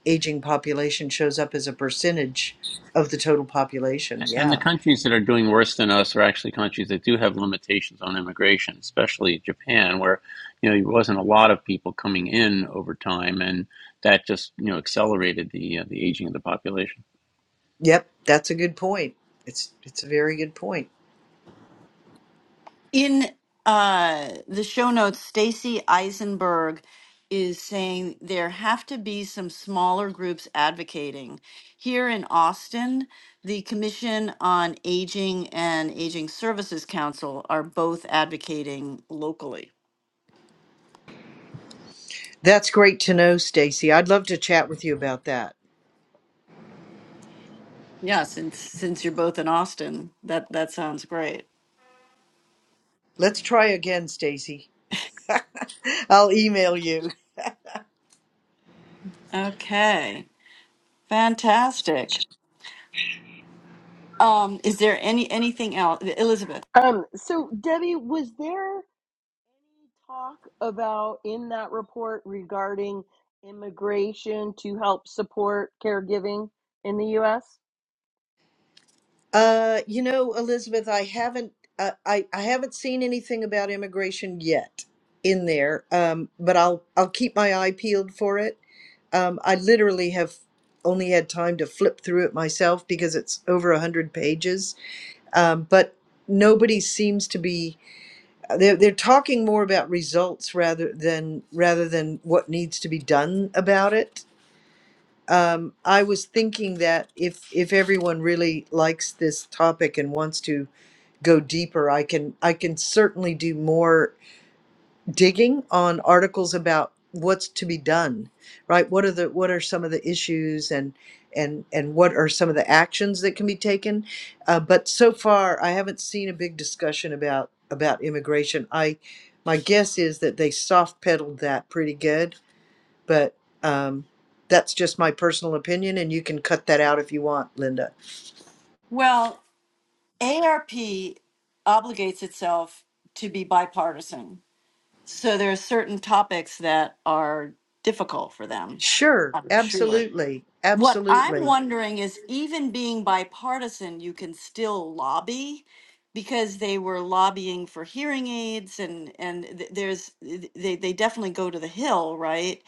[SPEAKER 2] aging population shows up as a percentage of the total population.
[SPEAKER 1] And the
[SPEAKER 2] Yeah.
[SPEAKER 1] countries that are doing worse than us are actually countries that do have limitations on immigration, especially Japan, where you know there wasn't a lot of people coming in over time, and that just you know accelerated the uh, the aging of the population.
[SPEAKER 2] Yep, that's a good point. It's it's a very good point.
[SPEAKER 3] In uh, the show notes, Stacy Eisenberg is saying there have to be some smaller groups advocating. Here in Austin, the Commission on Aging and Aging Services Council are both advocating locally.
[SPEAKER 2] That's great to know, Stacy. I'd love to chat with you about that.
[SPEAKER 3] Yeah, since since you're both in Austin, that that sounds great.
[SPEAKER 2] Let's try again, Stacy. I'll email you.
[SPEAKER 3] Okay, fantastic. Um, is there any anything else, Elizabeth?
[SPEAKER 5] Um, so Debbie, was there any talk about in that report regarding immigration to help support caregiving in the US?
[SPEAKER 2] Uh, you know, Elizabeth, I haven't uh, I I haven't seen anything about immigration yet in there. Um, but I'll I'll keep my eye peeled for it Um, I literally have only had time to flip through it myself because it's over 100 pages. Um, but nobody seems to be they're, they're talking more about results rather than rather than what needs to be done about it. Um, I was thinking that if if everyone really likes this topic and wants to go deeper, I can I can certainly do more digging on articles about what's to be done right what are the what are some of the issues and and and what are some of the actions that can be taken uh, but so far i haven't seen a big discussion about about immigration i my guess is that they soft pedaled that pretty good but um that's just my personal opinion and you can cut that out if you want linda
[SPEAKER 3] Well, ARP obligates itself to be bipartisan. So there are certain topics that are difficult for them,
[SPEAKER 2] sure
[SPEAKER 3] I'm sure.
[SPEAKER 2] absolutely
[SPEAKER 3] What I'm
[SPEAKER 2] absolutely
[SPEAKER 3] wondering is even being bipartisan, you can still lobby because they were lobbying for hearing aids and and th- there's th- they they definitely go to the hill, right?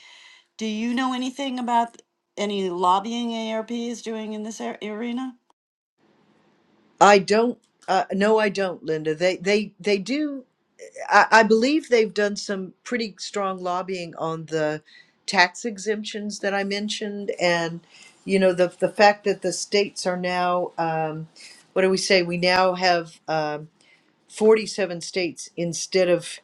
[SPEAKER 3] Do you know anything about any lobbying ARP is doing in this ar- arena?
[SPEAKER 2] i don't uh, no i don't linda they they they do I, I believe they've done some pretty strong lobbying on the tax exemptions that I mentioned, and you know the the fact that the states are now um, what do we say? We now have um, forty seven states instead of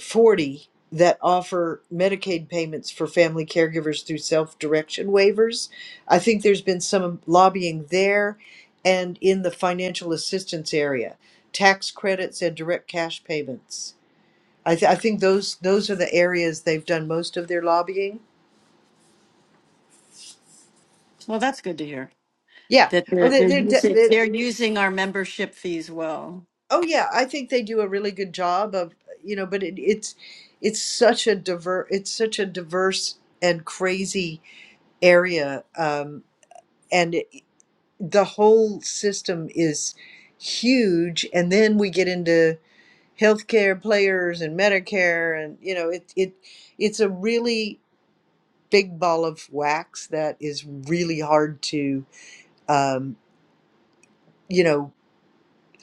[SPEAKER 2] forty that offer Medicaid payments for family caregivers through self direction waivers. I think there's been some lobbying there, and in the financial assistance area, tax credits and direct cash payments I, th- I think those those are the areas they've done most of their lobbying.
[SPEAKER 3] Well, that's good to hear.
[SPEAKER 2] Yeah.
[SPEAKER 3] that
[SPEAKER 2] Oh,
[SPEAKER 3] they're
[SPEAKER 2] they,
[SPEAKER 3] they're
[SPEAKER 2] they're, they
[SPEAKER 3] using
[SPEAKER 2] they-
[SPEAKER 3] they're using our membership fees well.
[SPEAKER 2] oh yeah. I think they do a really good job of you know, but it, it's it's such a diver it's such a diverse and crazy area, um, and it, the whole system is huge. And then we get into healthcare players and Medicare, and you know, it it it's a really big ball of wax that is really hard to um, you know,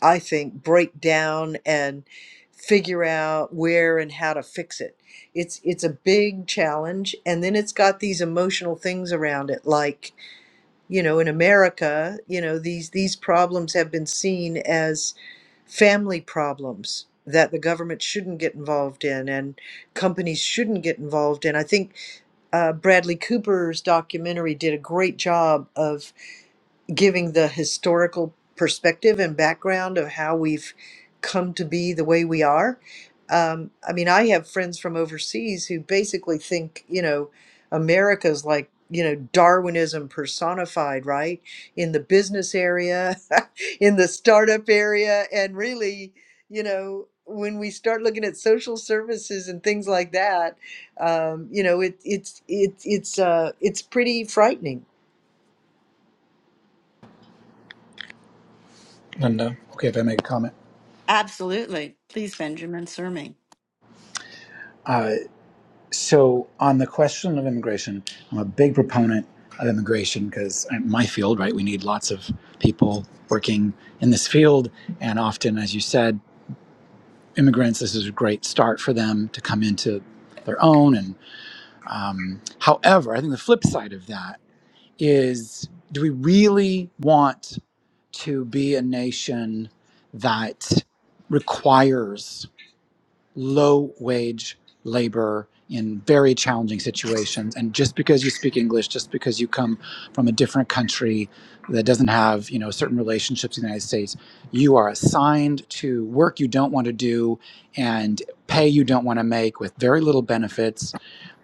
[SPEAKER 2] I think break down and figure out where and how to fix it. It's it's a big challenge and then it's got these emotional things around it like, you know, in America, you know, these these problems have been seen as family problems that the government shouldn't get involved in and companies shouldn't get involved in. I think uh, Bradley Cooper's documentary did a great job of giving the historical perspective and background of how we've come to be the way we are. Um, I mean, I have friends from overseas who basically think, you know, America's like, you know, Darwinism personified, right? In the business area, in the startup area, and really, you know, when we start looking at social services and things like that, um, you know, it, it's it's it's uh, it's pretty frightening
[SPEAKER 6] Linda, okay, if I make a comment.
[SPEAKER 3] Absolutely. Please, Benjamin Sermi.
[SPEAKER 6] Uh, so, on the question of immigration, I'm a big proponent of immigration because my field, right, we need lots of people working in this field. And often, as you said, immigrants, this is a great start for them to come into their own. And um, however, I think the flip side of that is do we really want to be a nation that requires low wage labor in very challenging situations and just because you speak english just because you come from a different country that doesn't have you know certain relationships in the united states you are assigned to work you don't want to do and pay you don't want to make with very little benefits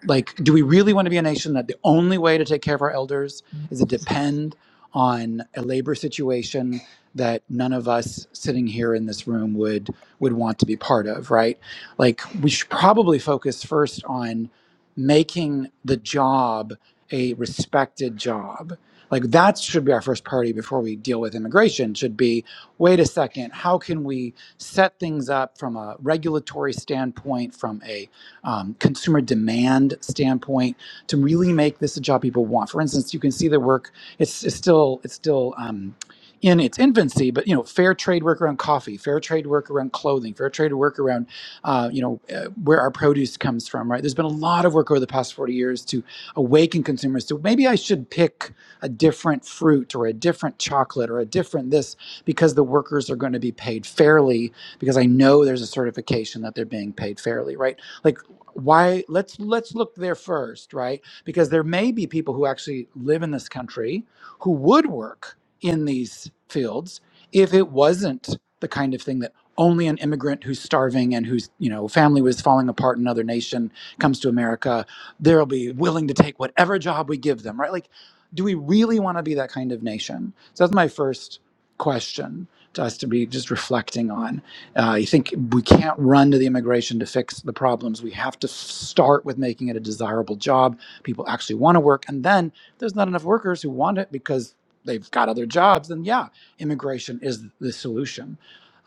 [SPEAKER 6] like do we really want to be a nation that the only way to take care of our elders is to depend on a labor situation that none of us sitting here in this room would would want to be part of right like we should probably focus first on making the job a respected job like that should be our first priority before we deal with immigration should be wait a second how can we set things up from a regulatory standpoint from a um, consumer demand standpoint to really make this a job people want. For instance, you can see the work; it's, it's still it's still um, in its infancy, but you know, fair trade work around coffee, fair trade work around clothing, fair trade work around uh, you know uh, where our produce comes from. Right? There's been a lot of work over the past 40 years to awaken consumers to maybe I should pick a different fruit or a different chocolate or a different this because the workers are going to be paid fairly because I know there's a certification that they're being paid fairly, right? Like why let's let's look there first right because there may be people who actually live in this country who would work in these fields if it wasn't the kind of thing that only an immigrant who's starving and whose you know family was falling apart in another nation comes to america they'll be willing to take whatever job we give them right like do we really want to be that kind of nation so that's my first question to us to be just reflecting on uh, you think we can't run to the immigration to fix the problems. We have to f- start with making it a desirable job. People actually want to work. And then if there's not enough workers who want it because they've got other jobs. Then, yeah, immigration is the solution.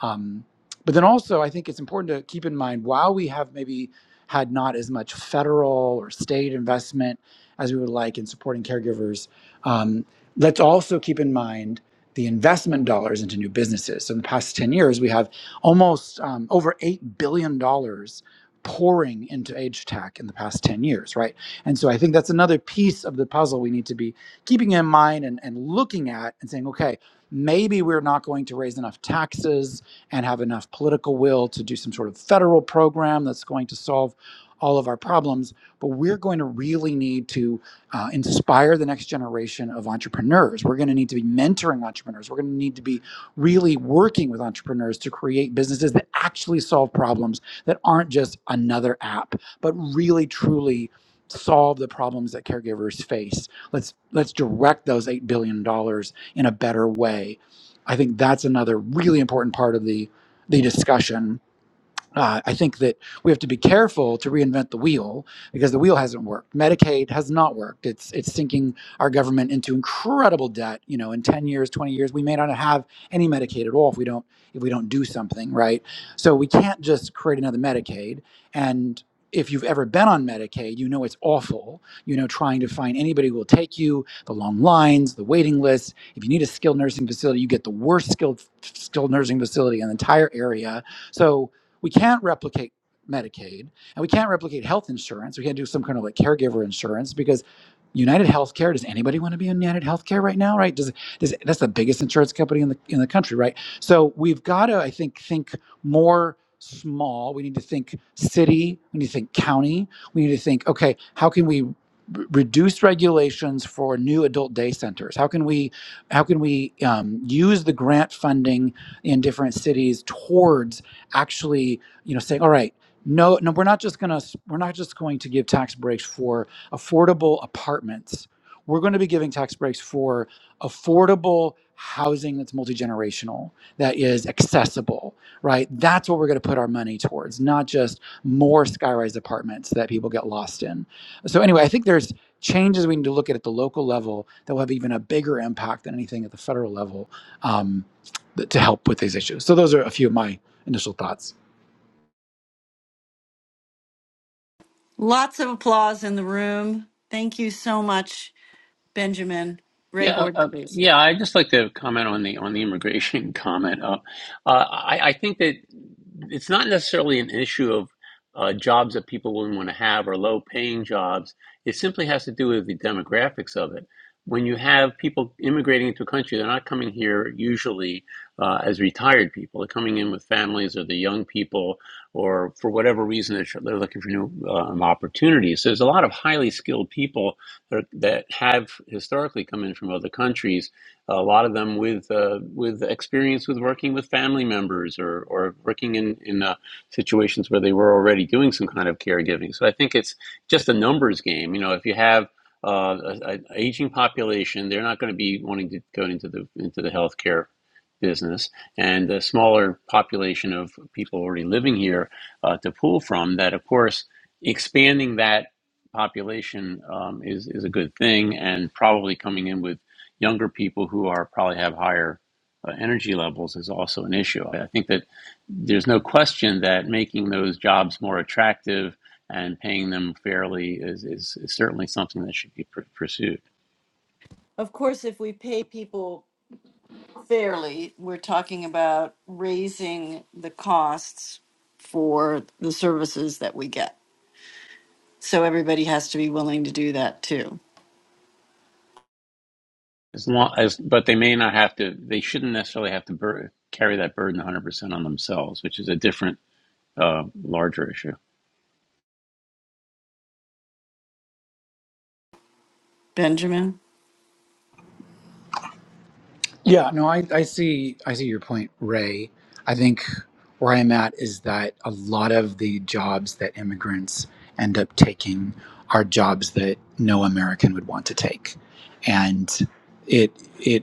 [SPEAKER 6] Um, but then also, I think it's important to keep in mind while we have maybe had not as much federal or state investment as we would like in supporting caregivers, um, let's also keep in mind the investment dollars into new businesses. So in the past 10 years, we have almost um, over eight billion dollars pouring into age tech in the past 10 years right and so i think that's another piece of the puzzle we need to be keeping in mind and, and looking at and saying okay maybe we're not going to raise enough taxes and have enough political will to do some sort of federal program that's going to solve all of our problems but we're going to really need to uh, inspire the next generation of entrepreneurs we're going to need to be mentoring entrepreneurs we're going to need to be really working with entrepreneurs to create businesses that actually solve problems that aren't just another app, but really truly solve the problems that caregivers face. Let's let's direct those 8 billion dollars in a better way. I think that's another really important part of the the discussion uh, I think that we have to be careful to reinvent the wheel because the wheel hasn't worked. Medicaid has not worked. It's it's sinking our government into incredible debt. You know, in ten years, twenty years, we may not have any Medicaid at all if we don't if we don't do something right. So we can't just create another Medicaid. And if you've ever been on Medicaid, you know it's awful. You know, trying to find anybody who will take you, the long lines, the waiting lists. If you need a skilled nursing facility, you get the worst skilled skilled nursing facility in the entire area. So we can't replicate Medicaid and we can't replicate health insurance. We can't do some kind of like caregiver insurance because United Healthcare, does anybody want to be in United Healthcare right now? Right? Does, does that's the biggest insurance company in the in the country, right? So we've got to, I think, think more small. We need to think city, we need to think county, we need to think, okay, how can we r- reduce regulations for new adult day centers how can we how can we um, use the grant funding in different cities towards actually you know saying all right no no we're not just going to we're not just going to give tax breaks for affordable apartments we're going to be giving tax breaks for affordable housing that's multi-generational that is accessible right that's what we're going to put our money towards not just more skyrise apartments that people get lost in so anyway i think there's changes we need to look at at the local level that will have even a bigger impact than anything at the federal level um, th- to help with these issues so those are a few of my initial thoughts.
[SPEAKER 3] Lots of applause in the room. Thank you so much, Benjamin. Ray
[SPEAKER 1] Yeah, uh, uh,
[SPEAKER 3] Gordon, please.
[SPEAKER 1] yeah. I just like to comment on the on the immigration comment. Uh, uh, I, I think that it's not necessarily an issue of uh, jobs that people wouldn't want to have or low paying jobs. It simply has to do with the demographics of it. When you have people immigrating into a country, they're not coming here usually uh, as retired people. They're coming in with families or the young people, or for whatever reason, they're, they're looking for new um, opportunities. So there's a lot of highly skilled people that that have historically come in from other countries. A lot of them with uh, with experience with working with family members or or working in in uh, situations where they were already doing some kind of caregiving. So I think it's just a numbers game. You know, if you have uh, an aging population, they're not going to be wanting to go into the into the healthcare business, and a smaller population of people already living here uh, to pull from. That, of course, expanding that population um, is is a good thing, and probably coming in with younger people who are probably have higher uh, energy levels is also an issue. I I think that there's no question that making those jobs more attractive and paying them fairly is, is, is certainly something that should be pr- pursued.
[SPEAKER 3] Of course, if we pay people fairly, we're talking about raising the costs for the services that we get. So everybody has to be willing to do that too.
[SPEAKER 1] As long as, but they may not have to. They shouldn't necessarily have to bur- carry that burden 100% on themselves, which is a different, uh, larger issue.
[SPEAKER 3] Benjamin?
[SPEAKER 6] Yeah, no, I, I see I see your point, Ray. I think where I'm at is that a lot of the jobs that immigrants end up taking are jobs that no American would want to take. And it it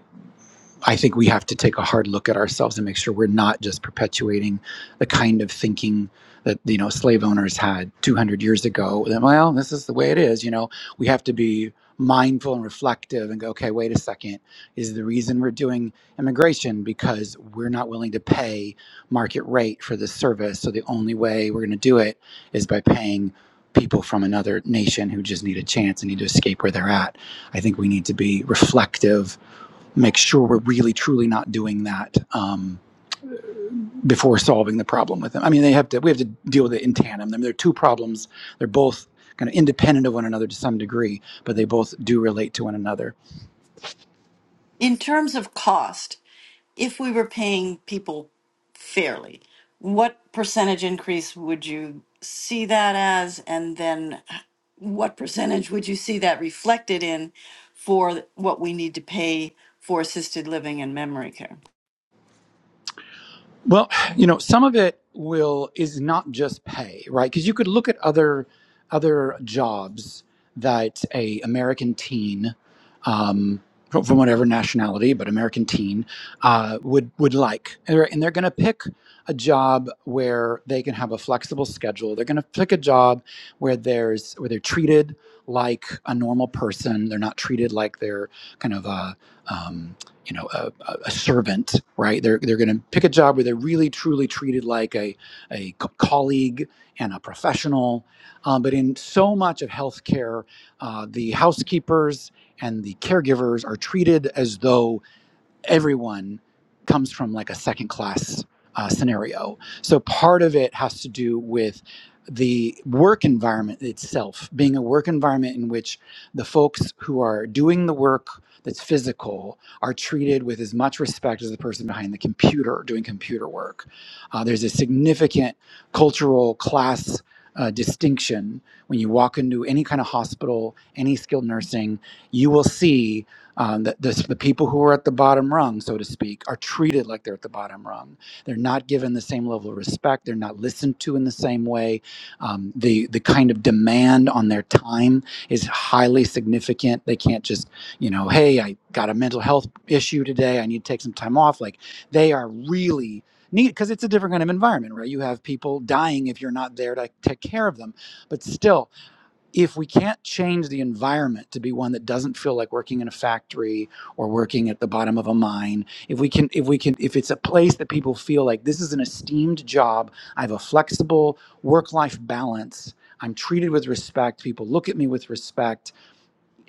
[SPEAKER 6] I think we have to take a hard look at ourselves and make sure we're not just perpetuating the kind of thinking that you know slave owners had 200 years ago. That, well, this is the way it is. You know, we have to be mindful and reflective and go, okay, wait a second. Is the reason we're doing immigration because we're not willing to pay market rate for this service? So the only way we're going to do it is by paying people from another nation who just need a chance and need to escape where they're at. I think we need to be reflective make sure we're really truly not doing that um, before solving the problem with them. I mean, they have to. We have to deal with it in tandem. I mean, they're two problems. They're both kind of independent of one another to some degree, but they both do relate to one another.
[SPEAKER 3] In terms of cost, if we were paying people fairly, what percentage increase would you see that as? And then what percentage would you see that reflected in for what we need to pay for assisted living and memory care?
[SPEAKER 6] Well, you know, some of it will is not just pay, right? Because you could look at other other jobs that a American teen, um, from from whatever nationality, but American teen uh, would would like, and they're, and they're going to pick a job where they can have a flexible schedule. They're going to pick a job where there's where they're treated like a normal person. They're not treated like they're kind of a um, you know a, a servant right they're, they're going to pick a job where they're really truly treated like a, a co- colleague and a professional um, but in so much of healthcare uh, the housekeepers and the caregivers are treated as though everyone comes from like a second class uh, scenario. So part of it has to do with the work environment itself being a work environment in which the folks who are doing the work that's physical are treated with as much respect as the person behind the computer doing computer work. Uh, there's a significant cultural class uh, distinction when you walk into any kind of hospital, any skilled nursing, you will see um, the, the, the people who are at the bottom rung, so to speak, are treated like they're at the bottom rung. They're not given the same level of respect. They're not listened to in the same way. Um, the the kind of demand on their time is highly significant. They can't just you know, hey, I got a mental health issue today. I need to take some time off. Like they are really need because it's a different kind of environment, right? You have people dying if you're not there to take care of them, but still if we can't change the environment to be one that doesn't feel like working in a factory or working at the bottom of a mine if we can if we can if it's a place that people feel like this is an esteemed job i have a flexible work life balance i'm treated with respect people look at me with respect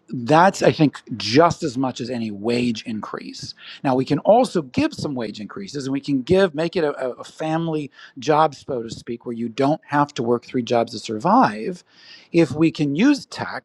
[SPEAKER 6] that's i think just as much as any wage increase now we can also give some wage increases and we can give make it a, a family job so to speak where you don't have to work three jobs to survive if we can use tech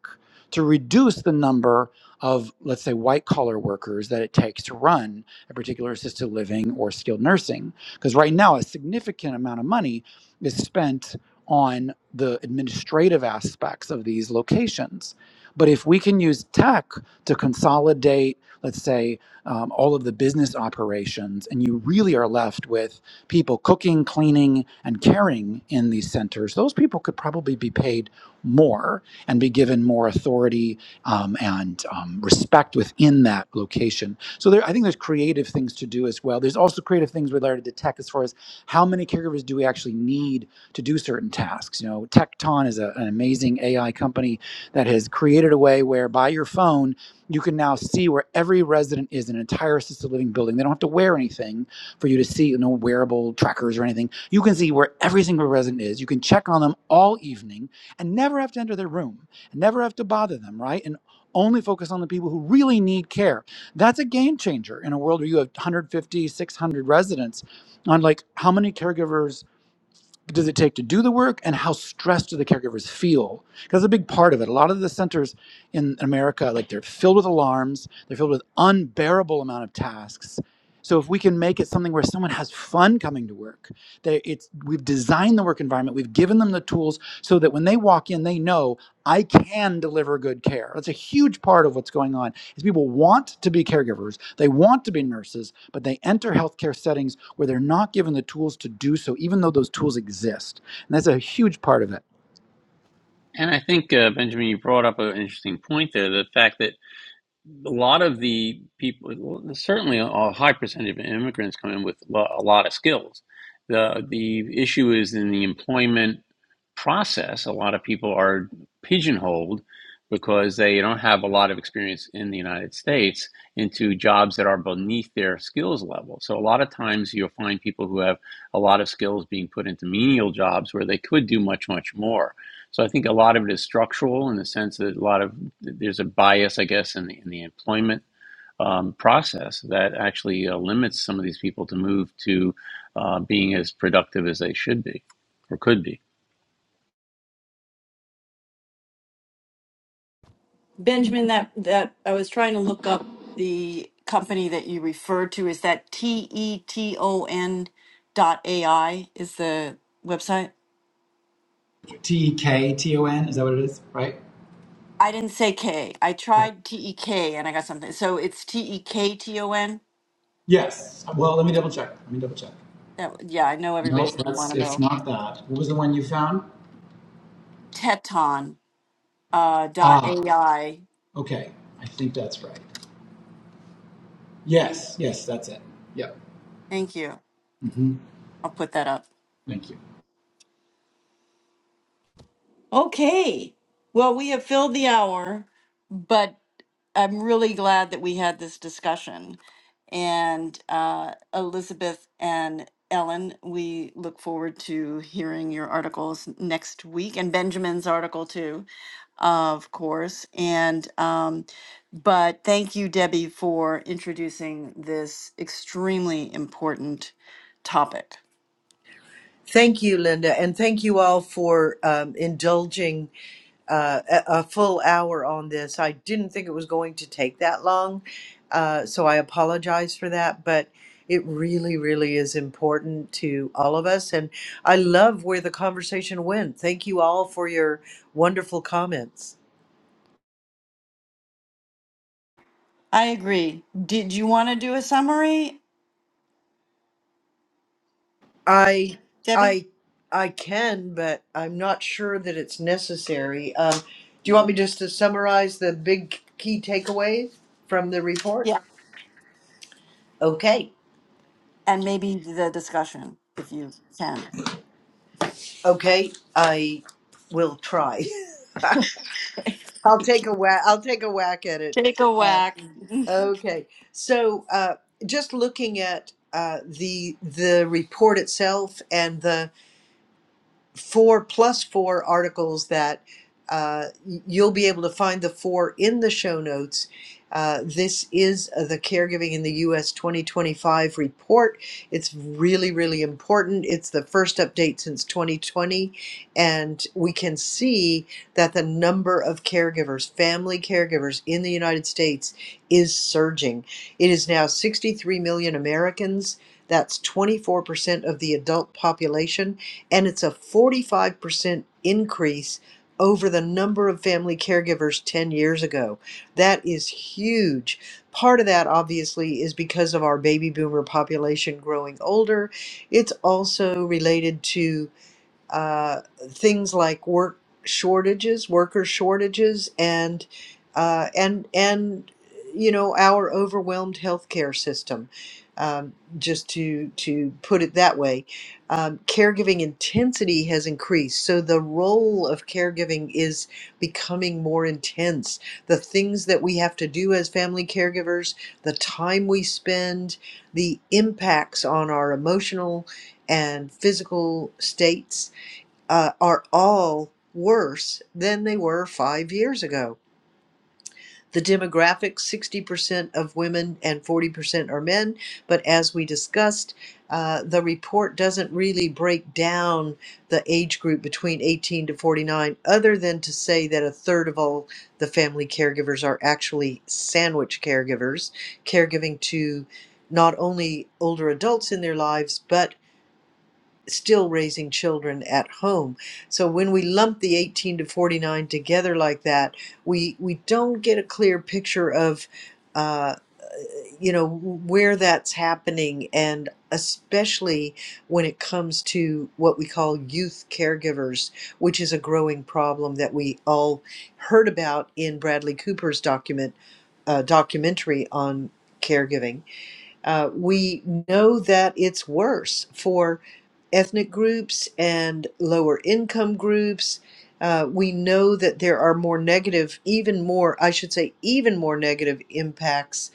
[SPEAKER 6] to reduce the number of let's say white collar workers that it takes to run a particular assisted living or skilled nursing because right now a significant amount of money is spent on the administrative aspects of these locations but if we can use tech to consolidate, let's say, um, all of the business operations, and you really are left with people cooking, cleaning, and caring in these centers, those people could probably be paid more and be given more authority um, and um, respect within that location. So there, I think there's creative things to do as well. There's also creative things related to tech as far as how many caregivers do we actually need to do certain tasks. You know, Tecton is a, an amazing AI company that has created a way where by your phone you can now see where every resident is in an entire assisted living building. They don't have to wear anything for you to see, you know, wearable trackers or anything. You can see where every single resident is. You can check on them all evening and never have to enter their room, and never have to bother them, right? And only focus on the people who really need care. That's a game changer in a world where you have 150, 600 residents on like how many caregivers does it take to do the work and how stressed do the caregivers feel because that's a big part of it a lot of the centers in america like they're filled with alarms they're filled with unbearable amount of tasks so if we can make it something where someone has fun coming to work they, it's we've designed the work environment we've given them the tools so that when they walk in they know I can deliver good care. That's a huge part of what's going on. Is people want to be caregivers, they want to be nurses, but they enter healthcare settings where they're not given the tools to do so, even though those tools exist. And that's a huge part of it.
[SPEAKER 1] And I think uh, Benjamin, you brought up an interesting point there: the fact that a lot of the people, well, certainly a high percentage of immigrants come in with a lot of skills. The the issue is in the employment process, a lot of people are pigeonholed because they don't have a lot of experience in the United States into jobs that are beneath their skills level. So a lot of times you'll find people who have a lot of skills being put into menial jobs where they could do much, much more. So I think a lot of it is structural in the sense that a lot of there's a bias, I guess, in the, in the employment um, process that actually uh, limits some of these people to move to uh, being as productive as they should be or could be.
[SPEAKER 3] Benjamin, that, that I was trying to look up the company that you referred to. Is that T E T O N dot A I is the website?
[SPEAKER 6] T E K T O N. Is that what it is? Right?
[SPEAKER 3] I didn't say K. I
[SPEAKER 6] Oh,
[SPEAKER 3] tried T E K and I got something. So it's T E K T O N.
[SPEAKER 6] yes. Well, let me double check. Let me double check.
[SPEAKER 3] That yeah, I know
[SPEAKER 6] No,
[SPEAKER 3] everybody's gonna want
[SPEAKER 6] that's
[SPEAKER 3] to
[SPEAKER 6] it's
[SPEAKER 3] know.
[SPEAKER 6] not that. What was the one you found?
[SPEAKER 3] Teton uh, dot
[SPEAKER 6] Ah,
[SPEAKER 3] AI.
[SPEAKER 6] okay. I think that's right. Yes, yes, that's it. Yep.
[SPEAKER 3] Thank you.
[SPEAKER 6] hmm
[SPEAKER 3] I'll put that up.
[SPEAKER 6] Thank you.
[SPEAKER 3] Okay. Well, we have filled the hour, but I'm really glad that we had this discussion. And uh, Elizabeth and Ellen, we look forward to hearing your articles next week and Benjamin's article too, of course. And um, but thank you, Debbie, for introducing this extremely important topic.
[SPEAKER 2] Thank you, Linda, and thank you all for um, indulging uh, a, a full hour on this. I didn't think it was going to take that long, uh, so I apologize for that, but it really, really is important to all of us. And I love where the conversation went. Thank you all for your wonderful comments.
[SPEAKER 3] I agree. Did you want to do a summary,
[SPEAKER 2] I
[SPEAKER 3] Debbie?
[SPEAKER 2] I I can, but I'm not sure that it's necessary. Um, do you want me just to summarize the big key takeaways from the report?
[SPEAKER 3] Yeah.
[SPEAKER 2] Okay,
[SPEAKER 3] And maybe the discussion, if you can.
[SPEAKER 2] okay, I will try. I'll take a whack. I'll take a whack at it.
[SPEAKER 3] Take a whack.
[SPEAKER 2] Okay, so uh, just looking at uh, the the report itself and the four plus four articles that uh, you'll be able to find the four in the show notes. Uh, this is uh, the Caregiving in the U.S. 2025 report. It's really, really important. It's the first update since 2020, and we can see that the number of caregivers, family caregivers in the United States, is surging. It is now 63 million Americans. That's 24% of the adult population and it's a 45% increase over the number of family caregivers 10 years ago. That is huge. Part of that, obviously, is because of our baby boomer population growing older. It's also related to uh, things like work shortages, worker shortages, and uh, and and you know our overwhelmed healthcare system. Um, just to to put it that way, um, caregiving intensity has increased, so the role of caregiving is becoming more intense. The things that we have to do as family caregivers, the time we spend, the impacts on our emotional and physical states uh, are all worse than they were five years ago. The demographic 60% of women and 40% are men, but as we discussed, uh, the report doesn't really break down the age group between 18 to 49, other than to say that a third of all the family caregivers are actually sandwich caregivers, caregiving to not only older adults in their lives, but still raising children at home. So when we lump the 18 to 49 together like that, we we don't get a clear picture of uh, you know where that's happening, and especially when it comes to what we call youth caregivers, which is a growing problem that we all heard about in Bradley Cooper's document uh, documentary on caregiving uh, we know that it's worse for ethnic groups and lower income groups. Uh, we know that there are more negative, even more, I should say, even more negative impacts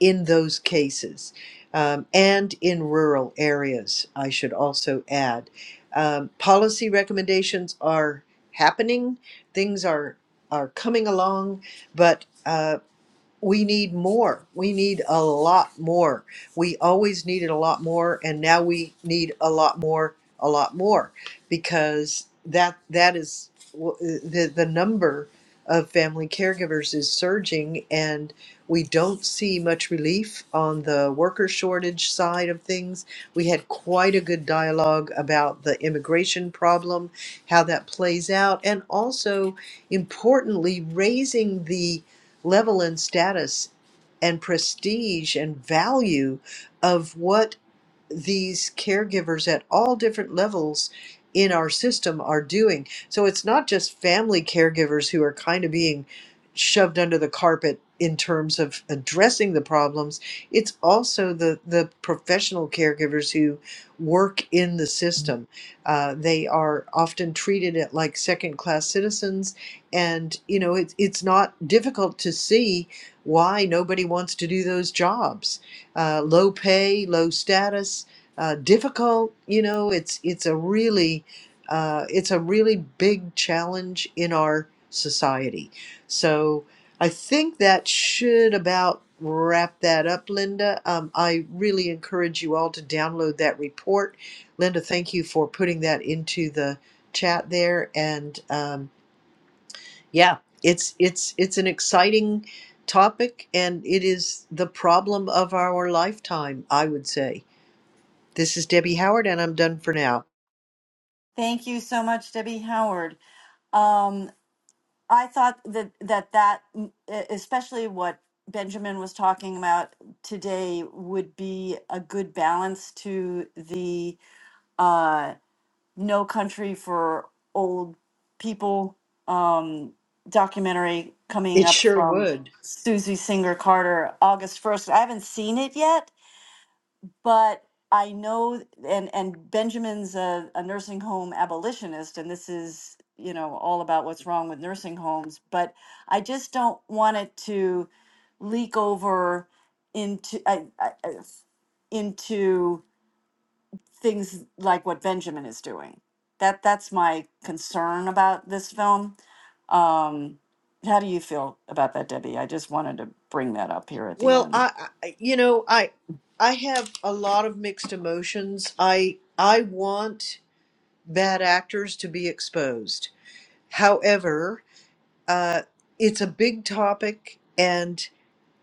[SPEAKER 2] in those cases um, and in rural areas, I should also add. Um, policy recommendations are happening, things are, are coming along, but uh, we need more. We need a lot more. We always needed a lot more, and now we need a lot more, a lot more, because that that is w- the the number of family caregivers is surging, and we don't see much relief on the worker shortage side of things. We had quite a good dialogue about the immigration problem, how that plays out, and also importantly raising the level and status and prestige and value of what these caregivers at all different levels in our system are doing. So it's not just family caregivers who are kind of being shoved under the carpet in terms of addressing the problems. It's also the the professional caregivers who work in the system. Uh, they are often treated at like second class citizens, and you know it's it's not difficult to see why nobody wants to do those jobs uh, low pay, low status, uh, difficult. You know, it's it's a really uh, it's a really big challenge in our society. So I think that should about wrap that up, Linda. Um, I really encourage you all to download that report. Linda, thank you for putting that into the chat there and. Um, yeah, it's it's it's an exciting topic and it is the problem of our lifetime, I would say. This is Debbie Howard and I'm done for now.
[SPEAKER 3] Thank you so much, Debbie Howard. Um, I thought that that that, mm, e- especially what Benjamin was talking about today, would be a good balance to the uh, "No Country for Old People" um, documentary coming
[SPEAKER 2] It
[SPEAKER 3] up
[SPEAKER 2] sure
[SPEAKER 3] from
[SPEAKER 2] would.
[SPEAKER 3] Susie Singer Carter August first. I haven't seen it yet, but I know, and and Benjamin's a, a nursing home abolitionist, and this is you know all about what's wrong with nursing homes. But I just don't want it to leak over into I, I, I- into things like what Benjamin is doing. That that's my concern about this film. Um, how do you feel about that, Debbie? I just wanted to bring that up here at the
[SPEAKER 2] Well,
[SPEAKER 3] end.
[SPEAKER 2] I, I you know, I I have a lot of mixed emotions. I I want bad actors to be exposed. However, uh it's a big topic and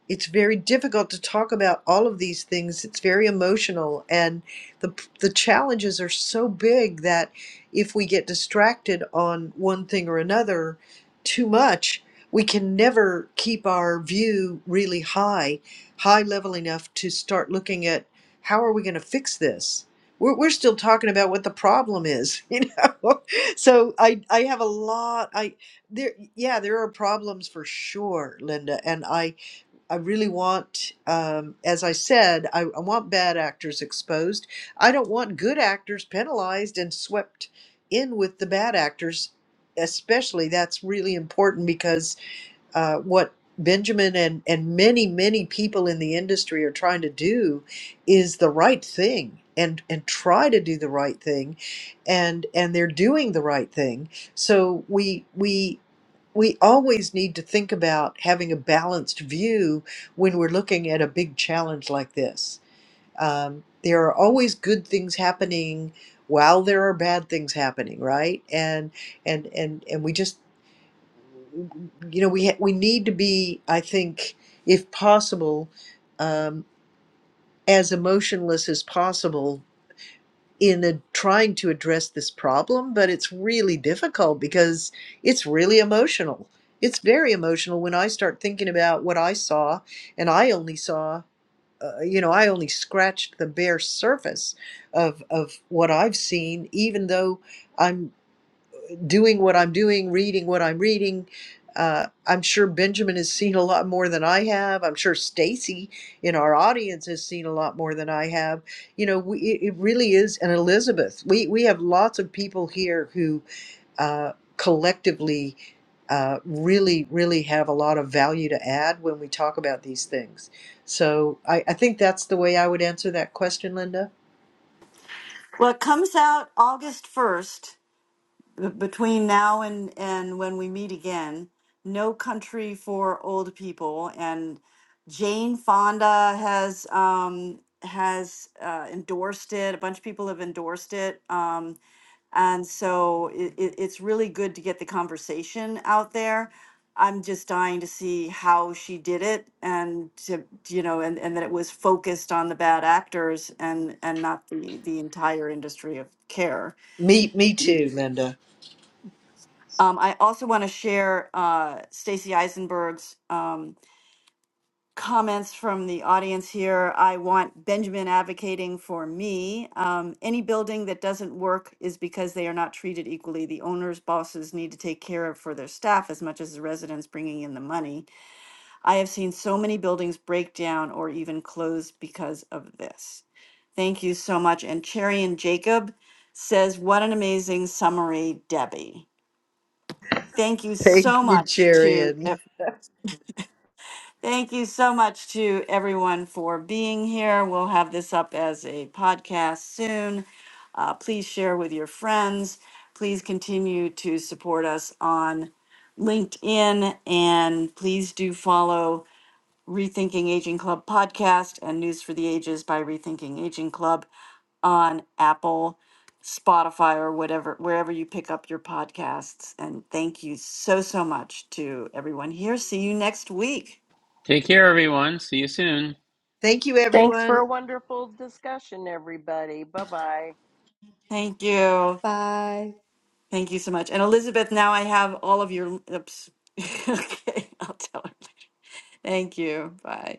[SPEAKER 2] it's very difficult to talk about all of these things. It's very emotional, and the the challenges are so big that if we get distracted on one thing or another too much, we can never keep our view really high, high level enough to start looking at how are we going to fix this. We're, we're still talking about what the problem is, you know. so I I have a lot. I there yeah there are problems for sure, Linda, and I I really want, um, as I said, I, I want bad actors exposed. I don't want good actors penalized and swept in with the bad actors, especially. That's really important because uh, what Benjamin and, and many, many people in the industry are trying to do is the right thing and, and try to do the right thing and and they're doing the right thing. So we we we always need to think about having a balanced view when we're looking at a big challenge like this. Um, there are always good things happening while there are bad things happening, right? And and and and we just you know we ha- we need to be i think if possible um, as emotionless as possible in a, trying to address this problem but it's really difficult because it's really emotional it's very emotional when i start thinking about what i saw and i only saw uh, you know i only scratched the bare surface of of what i've seen even though I'm doing what I'm doing, reading what I'm reading. Uh, I'm sure Benjamin has seen a lot more than I have. I'm sure Stacy in our audience has seen a lot more than I have. You know, we, it it really is, and Elizabeth, we we have lots of people here who uh, collectively uh, really, really have a lot of value to add when we talk about these things. So I, I think that's the way I would answer that question, Linda.
[SPEAKER 3] Well, it comes out August 1st. b- between now and and when we meet again no country for old people and jane fonda has um has uh, endorsed it a bunch of people have endorsed it um and so it, it, it's really good to get the conversation out there i'm just dying to see how she did it and to you know and, and that it was focused on the bad actors and and not the the entire industry of care
[SPEAKER 2] Me, me too, Linda.
[SPEAKER 3] Um, I also want to share uh, Stacey Eisenberg's um, comments from the audience here. I want Benjamin advocating for me. Um, any building that doesn't work is because they are not treated equally. The owners, bosses need to take care of for their staff as much as the residents bringing in the money. I have seen so many buildings break down or even close because of this. Thank you so much. And Cherry and Jacob says, What an amazing summary, Debbie. Thank you so
[SPEAKER 2] Thank you,
[SPEAKER 3] much to
[SPEAKER 2] Charian.
[SPEAKER 3] ev- thank you so much to everyone for being here. We'll have this up as a podcast soon. Uh, please share with your friends. Please continue to support us on LinkedIn, and please do follow Rethinking Aging Club podcast and News for the Ages by Rethinking Aging Club on Apple, Spotify, or whatever, wherever you pick up your podcasts. And thank you so, so much to everyone here. See you next week.
[SPEAKER 1] Take care, everyone. See you soon.
[SPEAKER 2] Thank you,
[SPEAKER 5] Thanks for a
[SPEAKER 2] everyone.
[SPEAKER 5] wonderful discussion, everybody. Bye bye.
[SPEAKER 3] Thank you.
[SPEAKER 4] Bye.
[SPEAKER 3] Thank you so much. And Elizabeth, now I have all of your. Oops. okay, I'll tell her. Thank you. Bye.